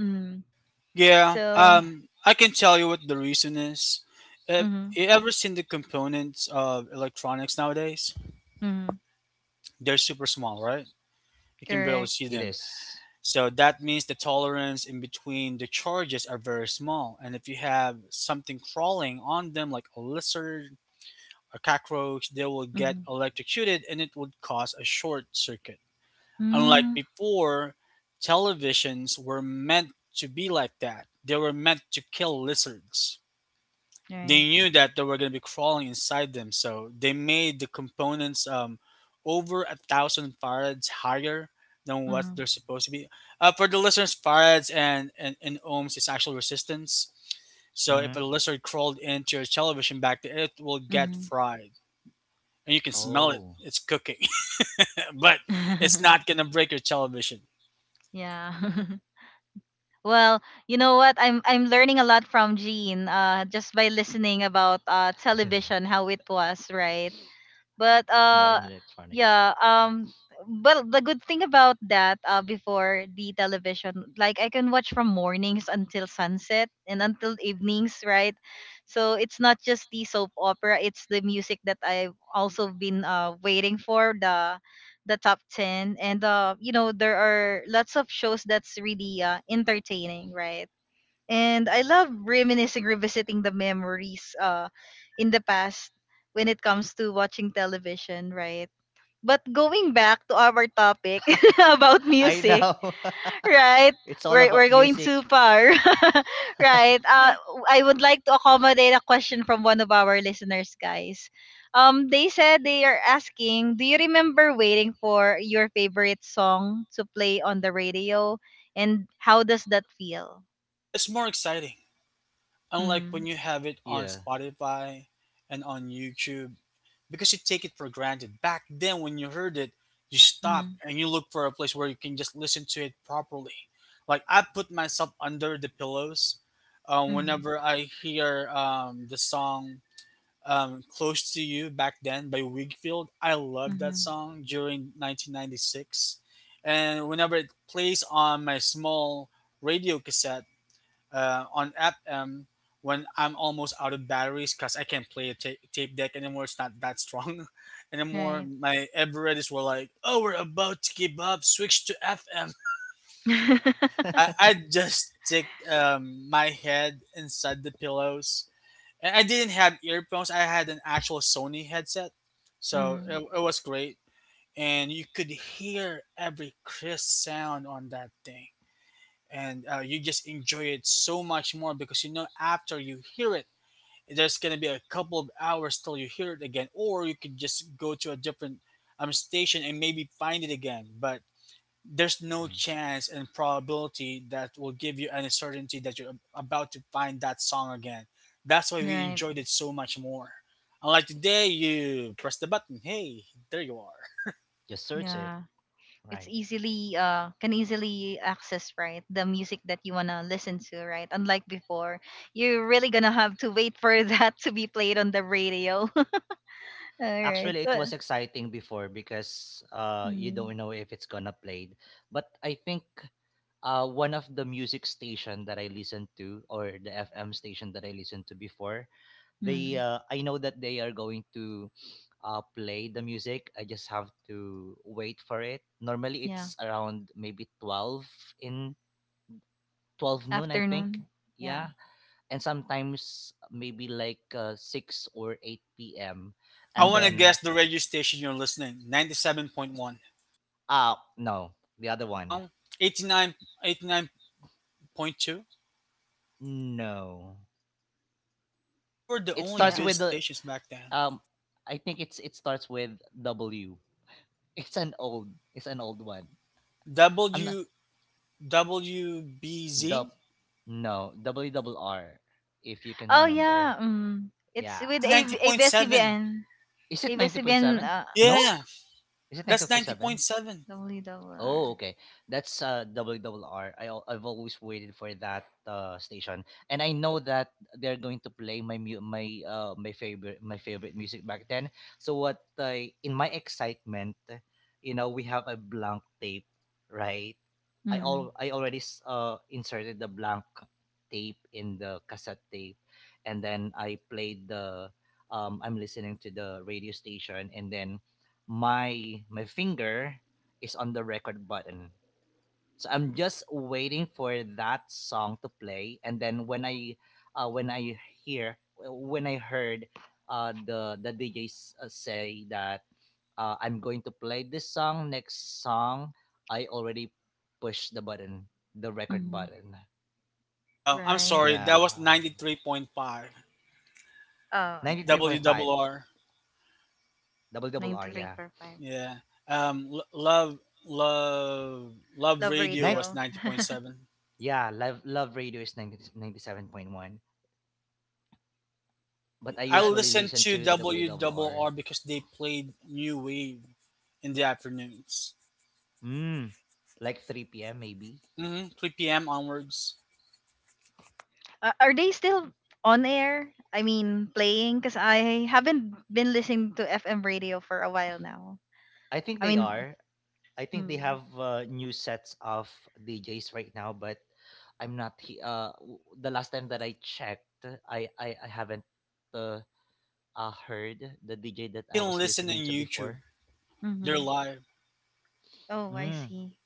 A: Mm.
C: Yeah,
B: I
A: So
B: think
C: um, I can tell you what the reason is. Have
A: mm-hmm,
C: you ever seen the components of electronics nowadays?
A: mm-hmm,
C: They're super small, right? You can barely
A: correct.
C: see
B: it
C: them.
B: is.
C: So that means the tolerance in between the charges are very small. And if you have something crawling on them, like a lizard, a cockroach, they will get
A: Mm-hmm.
C: electrocuted and it would cause a short circuit. Unlike
A: Mm,
C: before, televisions were meant to be like that, they were meant to kill lizards. They
A: right.
C: knew that they were going to be crawling inside them, so they made the components um, over a thousand farads higher than what
A: Mm-hmm.
C: they're supposed to be. Uh, for the listeners, farads and, and, and ohms is actual resistance. So if a
B: Mm.
C: lizard crawled into your television back there, it will get
A: Mm-hmm.
C: fried. And you can smell it.
B: Oh,
C: It's cooking. But it's not going to break your television.
A: Yeah. Well, you know what? I'm I'm learning a lot from Jean uh just by listening about uh television, how it was, right? But
B: more
A: uh
B: in electronics.
A: yeah, um but the good thing about that, uh before, the television, like I can watch from mornings until sunset and until evenings, right? So it's not just the soap opera, it's the music that I've also been uh waiting for, the the top ten, and uh you know there are lots of shows that's really uh entertaining, right? And I love reminiscing, revisiting the memories uh in the past when it comes to watching television, right? But going back to our topic about
B: I
A: music,
B: know.
A: right?
B: It's all
A: We're
B: about
A: we're going too
B: music.
A: far. Right. Uh I would like to accommodate a question from one of our listeners, guys. Um they said, they are asking, do you remember waiting for your favorite song to play on the radio, and how does that feel?
C: It's more exciting. Unlike when
A: Mhm.
C: you have it on
B: Yeah.
C: Spotify and on YouTube, because you take it for granted. Back then, when you heard it, you stop
A: Mhm.
C: and you look for a place where you can just listen to it properly. Like, I put myself under the pillows um,
A: Mhm.
C: whenever I hear um, the song um, "Close to You" back then by Wigfield. I loved that
A: Mhm.
C: song during nineteen ninety-six, and whenever it plays on my small radio cassette uh, on app, um, when I'm almost out of batteries because I can't play a ta- tape deck anymore. It's not that strong anymore.
A: Right.
C: My Everetts were like, "Oh, we're about to give up. Switch to F M."
B: Like,
C: I I just stick um, my head inside the pillows, and I didn't have earphones. I had an actual Sony headset, so
A: Mm.
C: it, it was great, and you could hear every crisp sound on that thing. And uh, you just enjoy it so much more because, you know, after you hear it there's going to be a couple of hours till you hear it again. Or you could just go to a different um, station and maybe find it again, but there's no chance and probability that will give you any certainty that you're about to find that song again. That's why we
A: Right.
C: enjoyed it so much more. Unlike today, you press the button, hey, there you are.
B: just search it.
A: Yeah. It's
B: Right.
A: easily, uh can easily access, right, the music that you wanna listen to, right? Unlike before, you're really gonna have to wait for that to be played on the radio. All right.
B: Actually, it
A: Uh,
B: was exciting before because uh, you
A: mm.
B: don't know if it's gonna played. But I think uh, one of the music station that I listened to, or the F M station that I listened to before, they
A: Mm.
B: uh, I know that they are going to uh, play the music. I just have to wait for it. Normally
A: Yeah.
B: it's around maybe twelve, in twelve noon I think.
A: Afternoon. Yeah.
B: Yeah, and sometimes maybe like uh, six or eight p m,
C: I
B: and
C: want to
A: Mm-hmm.
B: then
C: guess the radio station you're listening, ninety-seven point one.
B: uh no, the other one.
C: No, eighty-nine point two.
B: No.
C: Those were the
B: It
C: only
B: starts
A: Yeah.
C: good
B: with the
C: stations back then.
B: um I think it's it starts with W. It's an old it's an old one. I'm not.
C: W
B: Dub,
C: WBZ.
B: no, Double Double R, if you can
A: Oh yeah.
B: remember.
A: Mm. It's
B: Yeah.
C: That's
A: with a
C: ninety point seven.
A: ABS-CBN.
B: Is it ninety point
A: A B S C B N,
B: seven?
A: uh,
B: No?
C: Yeah,
B: Is it
C: that's
B: ninety point
C: ninety point
B: seven?
C: seven.
B: Oh,
A: W R.
B: okay. That's uh W R R. I al- I've always waited for that uh station, and I know that they're going to play my mu- my uh my favorite my favorite music back then. So what I in my excitement, you know, we have a blank tape, right? I
A: Mm-hmm.
B: all I already s- uh inserted the blank tape in the cassette tape, and then I played the um I'm listening to the radio station, and then my my finger is on the record button. So I'm just waiting for that song to play, and then when I, uh, when I hear, uh, when I heard, uh, the the D J uh, say that, uh, I'm going to play this song, next song. I already pushed the button, the record
A: Mm-hmm.
B: button.
C: Oh, I'm
A: Right.
C: sorry. That
B: Yeah,
C: was ninety three point five.
A: Oh,
B: ninety three
A: okay.
B: point five
C: W R R.
B: double double R. Yeah,
A: ninety-three point five.
C: Yeah. Um, L- love, love, love
A: Love
C: radio
B: nine.
C: was
A: radio.
C: ninety point seven.
B: Yeah, love love radio is ninety ninety seven point one, but I
C: I
A: Yeah. t-
B: usually
C: listened
B: listen
C: to
B: to double double R.
C: W R R because they played new wave in the afternoons.
B: Hmm. Like three p m maybe.
C: hmm three p m onwards.
A: Uh, are they still on air? I mean, playing? Because I haven't been listening to F M radio for a while now.
B: I think
A: I
B: they
A: mean,
B: are. I think they
A: mm,
B: have uh, new sets of D Js right now, but I'm not. He- uh, w- the last time that I checked, I I, I haven't uh, uh heard the D J that
C: You
B: I was
C: can listen on
B: listening to
C: YouTube.
B: before.
C: They're
A: mm-hmm.
C: live.
A: Oh, I
B: Mm.
A: see.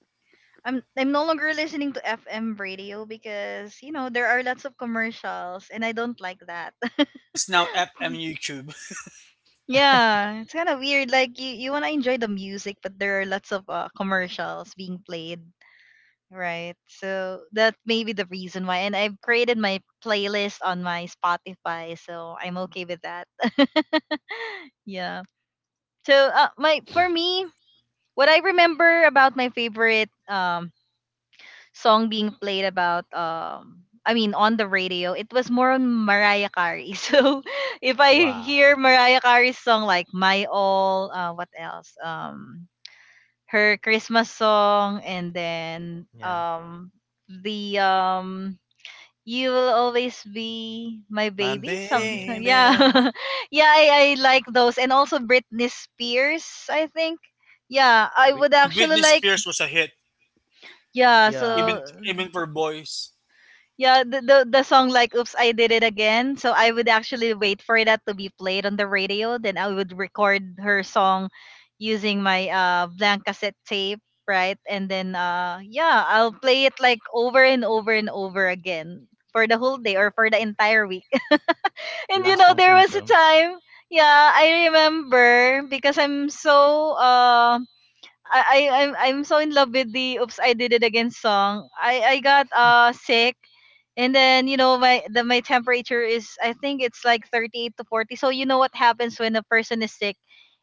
A: I'm, I'm no longer listening to F M radio because, you know, there are lots of commercials, and I don't like that.
C: It's now F M U Cube.
A: Yeah, it's kind of weird. Like you, you want to enjoy the music, but there are lots of uh, commercials being played. Right. So that may be the reason why. And I've created my playlist on my Spotify, so I'm okay with that. Yeah. So uh, my for me, what I remember about my favorite um song being played about, um I mean on the radio, it was more on Mariah Carey. So if I
B: Wow.
A: hear Mariah Carey's song like My All, uh what else? Um her Christmas song, and then
B: Yeah,
A: um the um you will always be my
C: My
A: baby
B: my
A: some so-
B: baby,
A: yeah.
C: baby.
A: Yeah, I, I like those, and also Britney Spears, I think. Yeah, I would
C: Oh,
B: Britney
A: actually
C: Britney
A: like,
C: Spears was
B: Spears.
C: a hit,
A: yeah,
B: Yeah,
A: so
C: even even for boys.
A: yeah, the, the the song like Oops I Did It Again. So I would actually wait for that to be played on the radio, then I would record her song using my uh blank cassette tape, right? And then uh yeah, I'll play it like over and over and over again, for the whole day or for the entire week. And you
C: Uh,
B: last
A: know,
B: song
A: there was a
B: syndrome.
A: time, yeah, I remember because I'm so uh I I I'm I'm so in love with the "Oops I Did It Again" song. I I got uh sick, and then you know, my the my temperature is, I think it's like thirty-eight to forty. So you know what happens when a person is sick,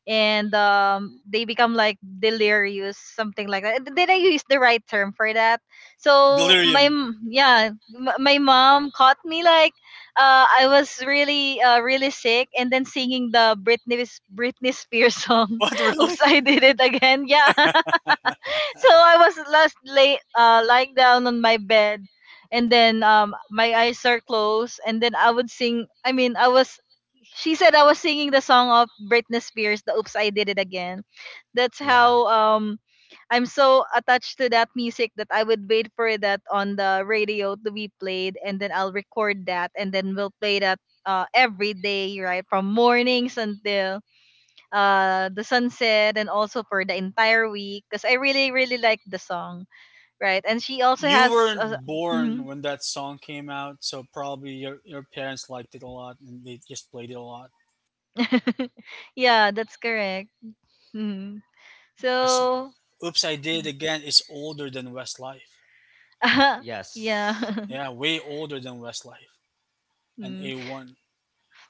A: and um they become like delirious, something like that. Did I use the right term for that? So my
C: Delirium.
A: m- yeah, m- my mom caught me, like, uh I was really uh really sick, and then singing the Britney Britney Spears song.
C: What? Really?
A: Oops, I did it again. Yeah, so I was last lay uh lying down on my bed, and then um my eyes are closed, and then I would sing, I mean, I was, she said I was singing the song of Britney Spears, the Oops I Did It Again. That's
B: Yeah.
A: how um I'm so attached to that music that I would wait for that on the radio to be played, and then I'll record that, and then we'll play that uh every day, right? From mornings until uh the sunset, and also for the entire week, because I really really like the song, right? And she also
C: You
A: has a,
C: weren't
A: Mhm.
C: born when that song came out, so probably your your parents liked it a lot and they just played it a lot.
A: Yeah, that's correct. Hmm.
C: Because
A: So.
C: "Oops, I Did It Again" is older than Westlife.
A: Yeah.
B: Yes.
C: Yeah, way older than Westlife and
A: Mm.
C: A one.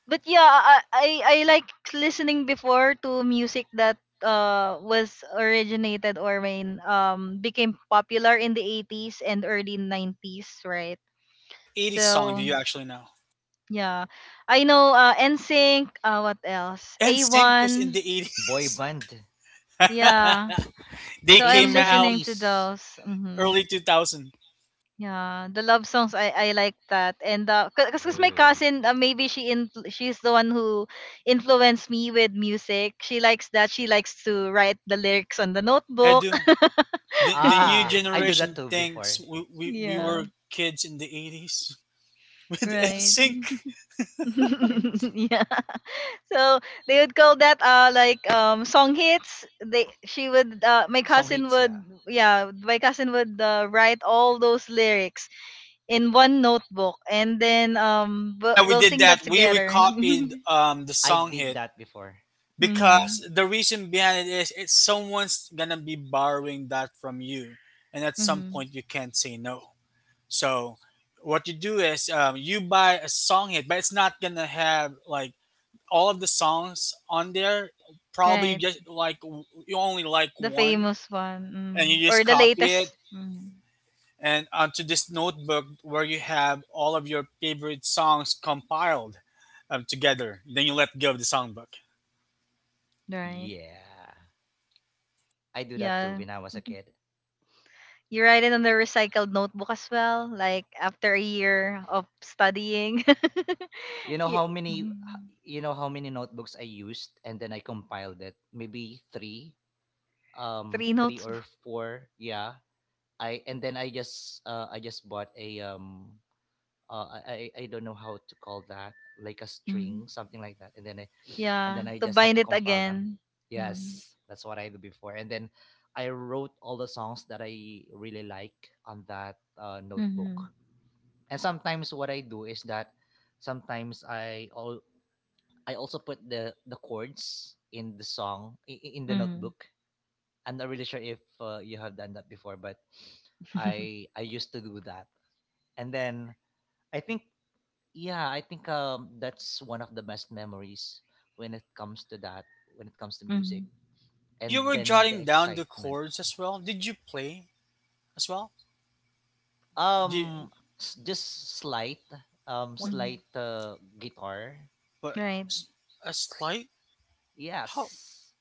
A: But yeah, I, I I like listening before to music that uh was originated or mean, um became popular in the eighties and early nineties, right?
C: What eighties song do
A: So
C: you actually know?
A: yeah. I know uh NSYNC, uh what else?
C: NSYNC was in the
A: A one.
B: Boy
C: eighties.
B: band.
A: Yeah.
C: They
A: So I'm
B: eighties
C: came
B: and
C: out
A: listening to
B: nineties.
A: those. Hmm.
C: early two thousand.
A: Yeah, the love songs, I I like that. And uh, cause, cause my
B: Oh.
A: cousin, uh, maybe she in she's the one who influenced me with music. She likes that. She likes to write the lyrics on the
C: I
A: notebook.
C: do. The, the new
B: Ah, I do that
C: generation
B: too before.
C: thinks we, we, we
A: Yeah.
C: were kids in the eighties with
A: Right.
C: NSYNC.
B: And
A: Yeah. So they would call that uh like um song hits. They she would uh my
B: song
A: cousin
B: hits,
A: would
B: yeah.
A: yeah, my cousin would uh, write all those lyrics in one notebook and then um
C: Oh
A: we'll,
C: yeah, we
A: we'll
C: did
A: sing that
C: that. We
A: together.
C: recopied um, the
B: I
C: song
B: did
C: hit,
B: that before. Yeah.
A: Mhm.
C: because the reason behind it is it's someone's gonna be borrowing that from you, and at some
A: Mhm.
C: point you can't say no. So what you do is, um, you buy a song hit, but it's not gonna have like all of the songs on there. Probably you
A: Right.
C: just like, w- you only like
A: The
C: one,
A: famous one.
C: and you
A: Mm.
C: just
A: Or the
C: copy it,
A: latest. Mm.
C: and onto this notebook where you have all of your favorite songs compiled um, together. Then you let go of the songbook.
A: Right.
B: Yeah. I do that too
A: Yeah.
B: when I was a kid.
A: You write it on the recycled notebook as well, like after a year of studying.
B: You know how
A: Ye-
B: many
A: Mhm.
B: you know how many notebooks I used, and then I compiled it. Maybe three, um
A: Three
B: three
A: notes.
B: or four. Yeah. I and then I just uh, I just bought a um uh, I I I don't know how to call that, like a
A: Mhm.
B: string, something like that, and then I and
A: Yeah,
B: then I
A: to
B: just have
A: bind
B: to
A: it
B: compile them.
A: again. mm
B: Yes, that's what I do before. And then I wrote all the songs that I really like on that uh, notebook.
A: Mm-hmm.
B: And sometimes what I do is that sometimes I all I also put the the chords in the song, i- i- in the
A: Mm-hmm.
B: notebook. I'm not really sure if uh, you have done that before, but I I used to do that. And then I think yeah, I think um that's one of the best memories when it comes to that, when it comes to
A: hmm
B: music,
C: So you
B: and
C: were
B: then the
C: jotting down the
B: excitement.
C: chords as well. Did you play as well?
B: Um,
C: Did
B: s- just slight, um,
C: what?
B: slight uh, guitar.
C: But
A: Right.
C: s- a slide? How?
B: Yes,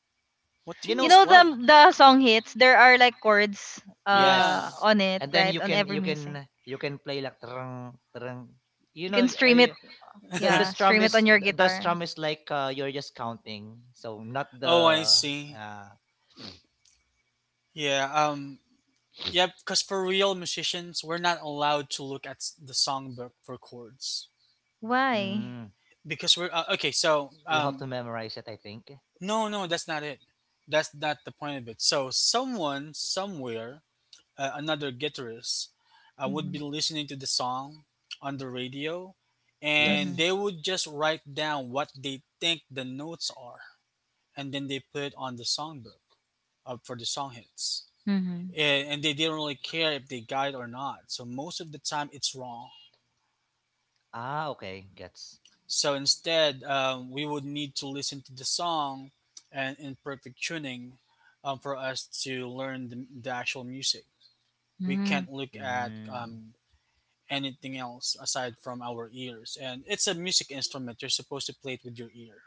C: What do
B: you
C: you mean,
A: You
B: know,
A: know
C: slide?
B: uh,
A: the the song hits, there are like chords
B: yes.
A: uh
C: Yeah.
A: on it,
B: And then
A: right?
B: you
A: On
B: can
A: every
B: you
A: music.
B: can you can play like trang trang. You
A: You
B: know,
A: can stream it.
B: uh, the the
A: Yeah,
B: strum
A: stream it on
B: is
A: your
B: the the
A: guitar.
B: strum is like uh, you're just counting, so not
C: Oh, I
B: the.
C: see.
B: Uh,
C: Yeah. Um. Yeah. Because for real musicians, we're not allowed to look at s- the songbook for chords.
A: Why?
B: mm,
C: Because we're uh, okay, so,
B: you have
C: um
B: to memorize it, I think.
C: no, no, that's not it. That's not the point of it. So someone somewhere, uh, another guitarist, uh, would be
A: hmm
C: listening to the song on the radio, and
A: hmm
C: they
B: Yes.
C: would just write down what they think the notes are, and then they put it on the songbook uh, for the song hits.
A: hmm
C: And, and they didn't really care if they got it or not, so most of the time it's wrong.
B: Ah, okay, gets.
C: So instead, um, we would need to listen to the song and in perfect tuning, um, for us to learn the, the actual music. We
A: hmm
C: can't look at,
B: Mm.
C: um, anything else aside from our ears. And it's a music instrument. You're supposed to play it with your ear,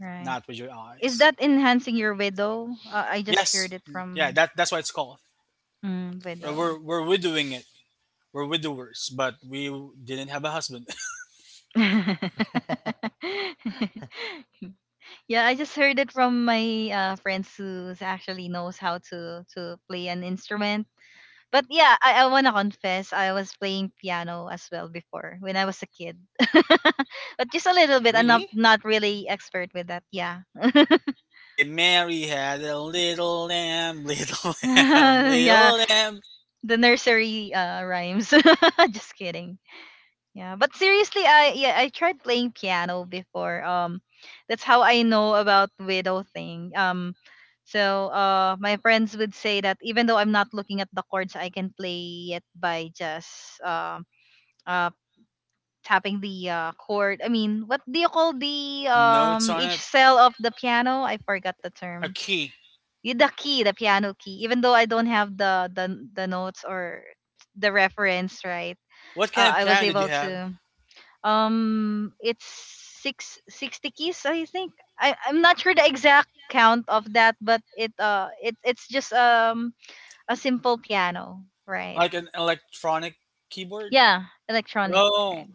A: Right.
C: not with your
A: Is
C: eyes.
A: that enhancing your widow? Uh, I just heard
C: Yes,
A: it
C: yeah,
A: from
C: that, that's why it's called.
A: mm,
C: Uh, We're,
A: widow.
C: we're widowing it. We're widowers, but we didn't have a husband.
A: Yeah, I just heard it from my uh, friends who actually knows how to to play an instrument. But yeah, I, I wanna confess, I was playing piano as well before when I was a kid, but just a little bit. I'm
B: Really?
A: not not really expert with that. Yeah,
C: But Mary had a little lamb, little lamb,
A: yeah,
C: little lamb.
A: the nursery uh, rhymes. Just kidding. Yeah, but seriously, I yeah, I tried playing piano before. Um, that's how I know about widow thing. Um, so uh, my friends would say that even though I'm not looking at the chords, I can play it by just um uh, tapping the uh, chord. I mean, what do you call the
C: Notes
A: um
C: on
A: each
C: it.
A: cell of the piano? I forgot the
C: A
A: term.
C: key.
A: Y- The key, the piano key. Even though I don't have the the the notes or the reference, right?
C: What
A: Uh,
C: kind of
A: I was
C: piano did you
A: able
C: have?
A: to um it's six sixty keys I think. I i'm not sure the exact count of that, but it uh it it's just um a simple piano, right?
C: Like an electronic keyboard?
A: Yeah, electronic, right.
C: Oh,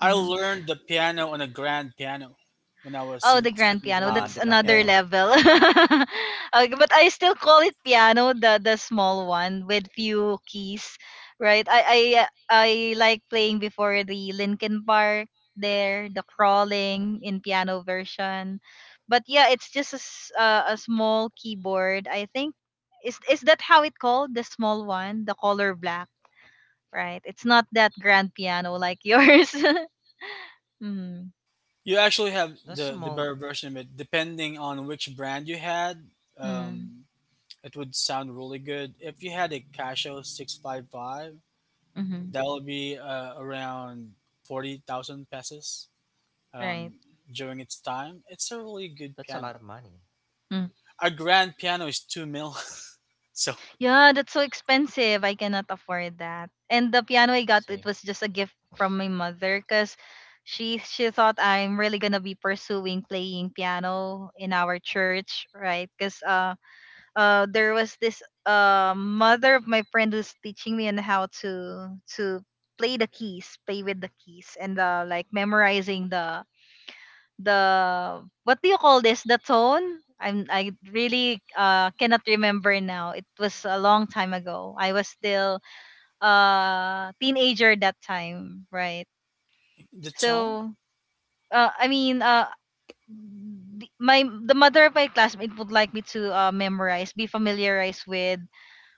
C: I
A: Mm-hmm.
C: learned the piano on a grand piano when I was
A: Oh,
C: in
A: the grand
C: second
A: piano.
B: Ah,
A: That's
C: grade.
B: the grand
A: another
C: Yeah.
B: piano.
A: level. Okay, but I still call it piano, the the small one with few keys, right? I I uh, I like playing before the Linkin Park there, the crawling in piano version. But yeah, it's just a, s- uh, a small keyboard. I think is is that how it called, the small one, the color black, right? It's not that grand piano like yours. mm,
C: You actually have
B: That's
C: the, the
B: small.
C: better version of it. Depending on which brand you had,
A: mm,
C: um, it would sound really good. If you had a Casio six five five,
A: mm-hmm,
C: that'll be uh, around forty thousand pesos,
A: right.
C: um, during its time. It's a really good
B: That's a lot
C: piano.
B: of money.
A: Mm-hmm.
C: A grand piano is two mil. So,
A: Yeah, that's so expensive. I cannot afford that. And the piano I got, it
B: Same.
A: was just a gift from my mother because she she thought I'm really gonna be pursuing playing piano in our church, right? Because uh uh there was this uh mother of my friend who's teaching me on how to to play the keys, play with the keys, and uh like memorizing the the what do you call this? The tone? I'm I really uh cannot remember now. It was a long time ago. I was still uh teenager that time, right?
C: the tone?
A: So uh I mean uh the, my the mother of my classmate would like me to uh, memorize, be familiarized with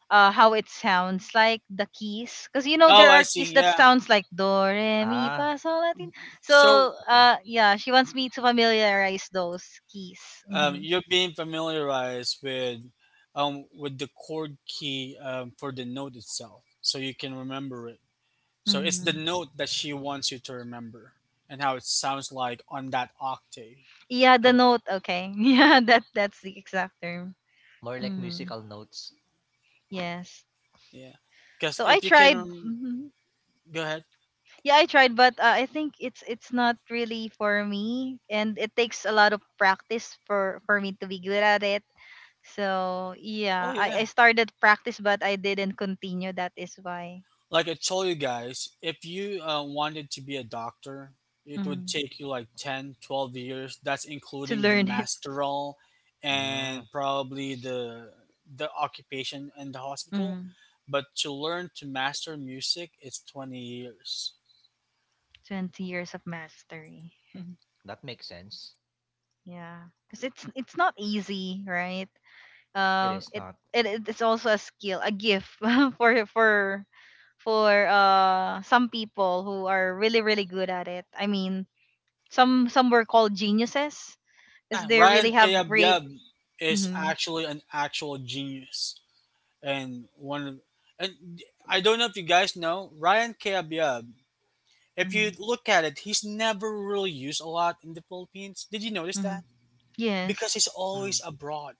A: uh how it sounds like the keys, because you know
C: Oh,
A: there
C: I
A: are keys
C: see.
A: that
C: Yeah.
A: sounds like do re mi fa
B: Ah,
A: sol la ti. So
C: So,
B: okay.
A: uh yeah, she wants me to familiarize those keys.
C: um,
A: Mm-hmm.
C: you're being familiarized with, um, with the chord key, um, for the note itself, so you can remember it. So it's the
A: Mm-hmm.
C: note that she wants you to remember and how it sounds like on that octave.
A: Yeah, the
C: Correct.
A: note. Okay. Yeah, that that's the exact term.
B: More like
A: Mm-hmm.
B: musical notes.
A: Yes.
C: Yeah. Because
A: So I
C: if you can,
A: tried.
C: rem-
A: Mhm.
C: go ahead.
A: Yeah, I tried, but uh, I think it's it's not really for me and it takes a lot of practice for for me to be good at it. So
C: Oh
A: yeah, I, I
C: yeah.
A: started practice but I didn't continue. That is why
C: Like I told you guys, if you uh, wanted to be a doctor, it would
A: mm
C: take you like ten, twelve years. That's
A: to
C: including the
A: learn it.
C: masteral
B: Mm,
C: and probably the the occupation in the hospital.
A: mm
C: But to learn to master music, it's twenty years.
A: twenty years of mastery.
B: that makes sense.
A: Yeah, because it's it's not easy, right?
B: It
A: Um,
B: is
A: it,
B: not.
A: it it's also a skill, a gift for for for uh some people who are really really good at it. I mean, some some were called geniuses because
C: Yeah,
A: they really
C: Ryan
A: have great.
C: Kayabyab is
A: Mm-hmm.
C: actually an actual genius, and one of, and I don't know if you guys know Ryan Kayabyab. If
A: Mm-hmm.
C: you look at it, he's never really used a lot in the Philippines. Did you notice
A: Mm-hmm.
C: that? Because
A: Yes.
C: he's
B: Hmm,
C: always abroad.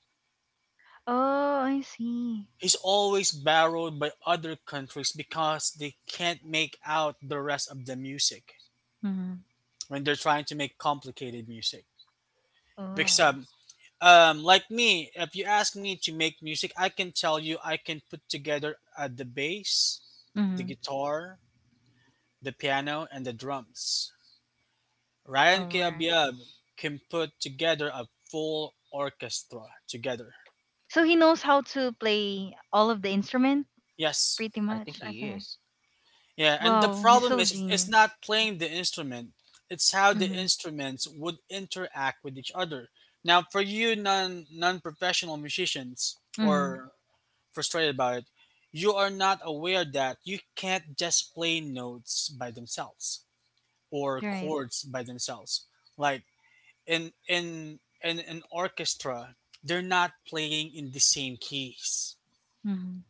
A: Oh, I see.
C: He's always borrowed by other countries because they can't make out the rest of the music
A: Mhm.
C: when they're trying to make complicated music. Because
A: Oh.
C: um, um, like me, if you ask me to make music, I can tell you I can put together, uh, the bass, the
A: Mhm.
C: guitar, the piano, and the drums. Ryan
A: All right.
C: Kayabyab can put together a full orchestra together.
A: So he knows how to play all of the instrument,
C: Yes.
A: pretty
B: I think
A: much.
B: he
A: Okay.
B: is.
C: Yeah, and the
A: Wow, he's
C: problem
A: so
C: is, it's
A: genius.
C: not playing the instrument. It's how the
A: Mhm.
C: instruments would interact with each other. Now for you non non-professional musicians,
A: Mhm.
C: or frustrated about it, you are not aware that you can't just play notes by themselves or
A: Right.
C: chords by themselves. Like, in in in an orchestra they're not playing in the same keys.
A: Mhm.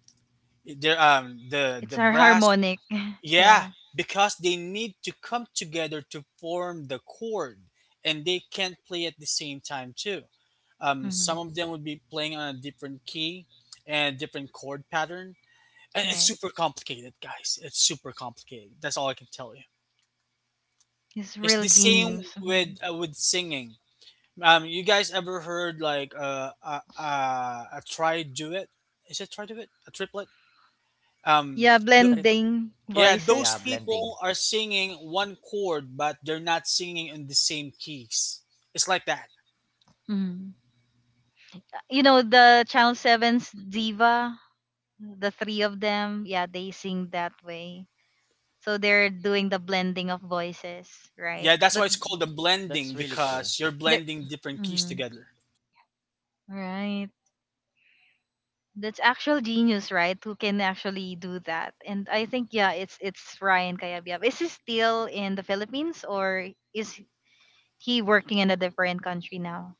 C: They're, um the
A: It's
C: the
A: our
C: brass,
A: harmonic.
C: yeah,
A: Yeah.
C: because they need to come together to form the chord, and they can't play at the same time too. Um some
A: Mhm.
C: of them would be playing on a different key and a different chord pattern, and it's
A: Right.
C: super complicated, guys. It's super complicated. That's all I can tell you.
A: He's
C: It's
A: real
C: the same
A: genius.
C: with,
A: Mhm.
C: uh, with singing. Um, you guys ever heard like, uh, uh, uh, a try do it? Is it try do it? A triplet? Um,
A: Yeah,
C: th-
B: Trip.
A: blending
B: Bl-
C: yeah,
A: voices.
C: those
B: yeah, blending.
C: people are singing one chord, but they're not singing in the same keys. It's like that.
A: Mhm. You know the Channel Seven's diva, the three of them. Yeah, they sing that way. So they're doing the blending of voices, right?
C: Yeah, that's
A: But
C: why it's called a
B: That's
C: blending,
B: really cool.
C: because you're
A: they're
C: blending different keys
A: mm,
C: together.
A: right. That's actual genius, right? Who can actually do that? And I think yeah, it's it's Ryan Cayabyab. Is he still in the Philippines or is he working in a different country now?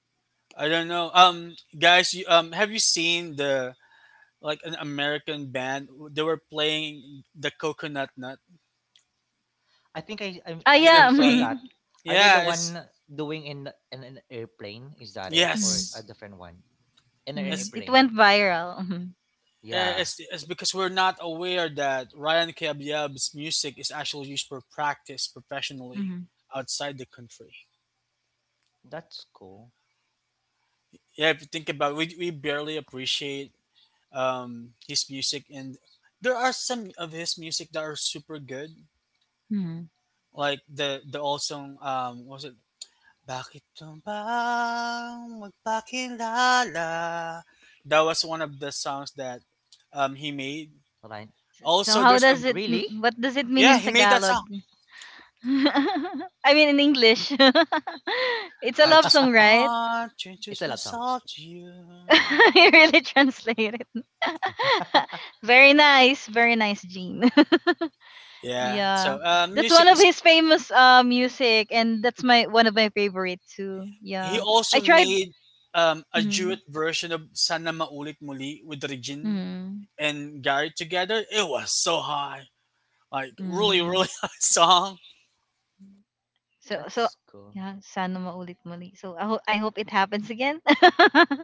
C: I don't know. Um, guys, you, um, have you seen the like an American band? They were playing the coconut nut
B: I think I I
A: Ah
B: I
C: in a
B: I
A: yeah,
B: saw
C: plane.
B: that.
A: mhm,
B: Are they the
C: Yeah,
B: one
C: it's
B: doing in the- in an airplane? Is that it
A: mhm,
B: or
C: yes,
B: a different one? In an
A: mhm.
C: it's
A: It went
B: airplane.
A: viral. Mhm,
C: Eh,
B: Yeah,
C: It's, it's because we're not aware that Ryan Kabyab's music is actually used for practice professionally
A: mhm.
C: outside the country.
B: that's cool.
C: Yeah, if you think about it, we, we barely appreciate, um, his music, and there are some of his music that are super good,
A: Mm-hmm.
C: like the the old song. Um, what was it? Bakit ka ba magpakilala? That was one of the songs that, um, he made.
B: Right.
A: S- So so
C: Also,
A: how
C: there's a
A: does it?
B: Really?
A: What does it mean
C: yeah,
A: in
C: he made that
A: Tagalog?
C: song.
A: I mean in English. It's a
C: I
A: love
C: just
A: song, right?
C: want to introduce
B: It's a love song.
C: myself to you.
A: You really translated. Very nice, very nice, Gene.
C: Yeah. So,
A: Yeah,
C: uh,
B: Mm,
A: that's one
C: music
A: of
C: is.
A: his famous uh music, and that's my one of my favorite too.
C: He
A: Yeah, I
C: also
A: tried.
C: made, um, a
A: Mm,
C: duet version of "Sana Maulit Muli" with Regine
A: mm,
C: and Gary together. It was so high, like really,
A: mm.
C: really high song.
A: So so
B: that's cool.
A: yeah, sana maulit muli. So I hope I hope it happens again.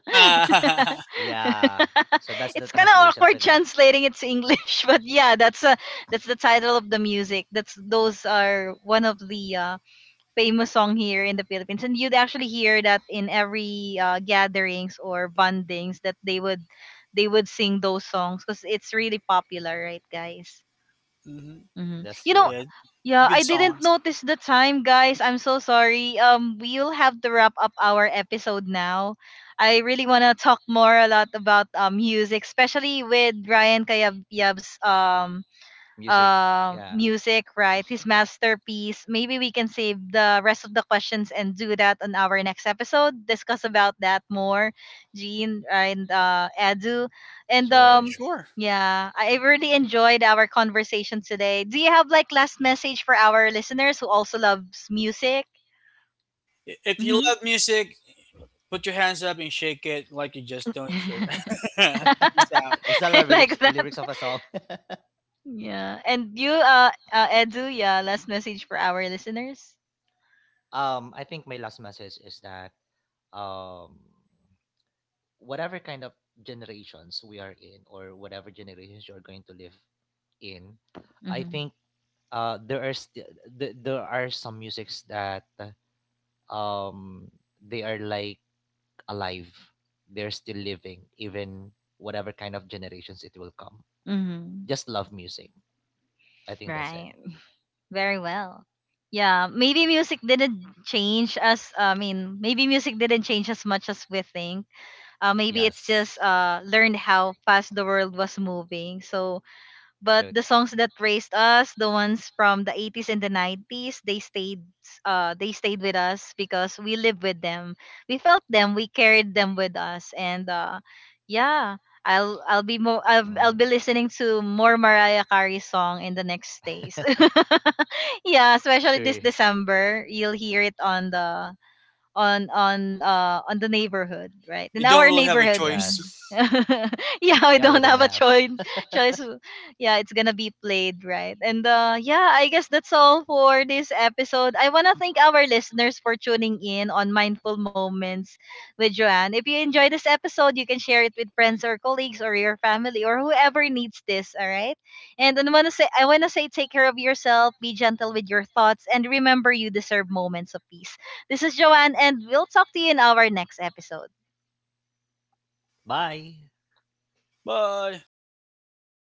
B: Yeah. So that's
A: It's
B: the
A: kind of
B: translation
A: awkward
B: for that.
A: translating it to English, but yeah, that's a that's the title of the music. That's those are one of the uh famous song here in the Philippines. And you'd actually hear that in every uh, gatherings or bondings that they would they would sing those songs because it's really popular, right, guys?
C: hmm
A: Hmm.
B: That's
A: You know,
B: true.
C: Yeah,
A: yeah, I
C: good
A: didn't
C: songs.
A: notice the time, guys. I'm so sorry. Um, we'll have to wrap up our episode now. I really wanna talk more a lot about um music, especially with Ryan Kayab Yab's um
B: Music.
A: uh,
B: Yeah.
A: music, right? His masterpiece. Maybe we can save the rest of the questions and do that on our next episode. Discuss about that more, Jean and uh, Edu. And
C: Uh,
A: um,
B: Sure.
C: sure.
A: yeah, I really enjoyed our conversation today. Do you have like last message for our listeners who also loves music?
C: I- If you
A: Mm-hmm.
C: love music, put your hands up and shake it like you just don't care. Peace out.
B: It's not the
A: I
B: lyrics
A: like that.
B: lyrics of a song.
A: Yeah. And you, uh, uh, Edu, yeah, last message for our listeners.
B: um, I think my last message is that um whatever kind of generations we are in, or whatever generations you're going to live in, I
A: Mm-hmm.
B: think uh there are st- th- there are some musics that um they are like alive. They're still living even whatever kind of generations it will come.
A: Mm-hmm.
B: Just love music. I think that's it.
A: Right. Very well. Yeah, maybe music didn't change as I mean, maybe music didn't change as much as we think. Uh, maybe it's just
B: Yes.
A: uh learned how fast the world was moving. So, but
B: True.
A: the songs that raised us, the ones from the eighties and the nineties, they stayed uh they stayed with us because we lived with them. We felt them, we carried them with us and uh yeah, I'll I'll be more I'll, I'll
B: Mm.
A: be listening to more Mariah Carey song in the next days. Yeah, especially this
B: Sure.
A: December, you'll hear it on the on on uh on the neighborhood, right?
C: You
A: In
C: don't
A: our
C: really have a
A: neighborhood.
C: choice.
B: Yes.
A: Yeah,
B: Yeah,
A: we
B: we
A: don't
B: don't
A: have a
B: have.
A: choice. Choice. Yeah, it's gonna be played, right? And uh, yeah, I guess that's all for this episode. I wanna thank our listeners for tuning in on Mindful Moments with Joanne. If you enjoy this episode, you can share it with friends or colleagues or your family or whoever needs this. All right. And I wanna say, I wanna say, take care of yourself, be gentle with your thoughts, and remember, you deserve moments of peace. This is Joanne, and we'll talk to you in our next episode.
B: Bye.
C: Bye.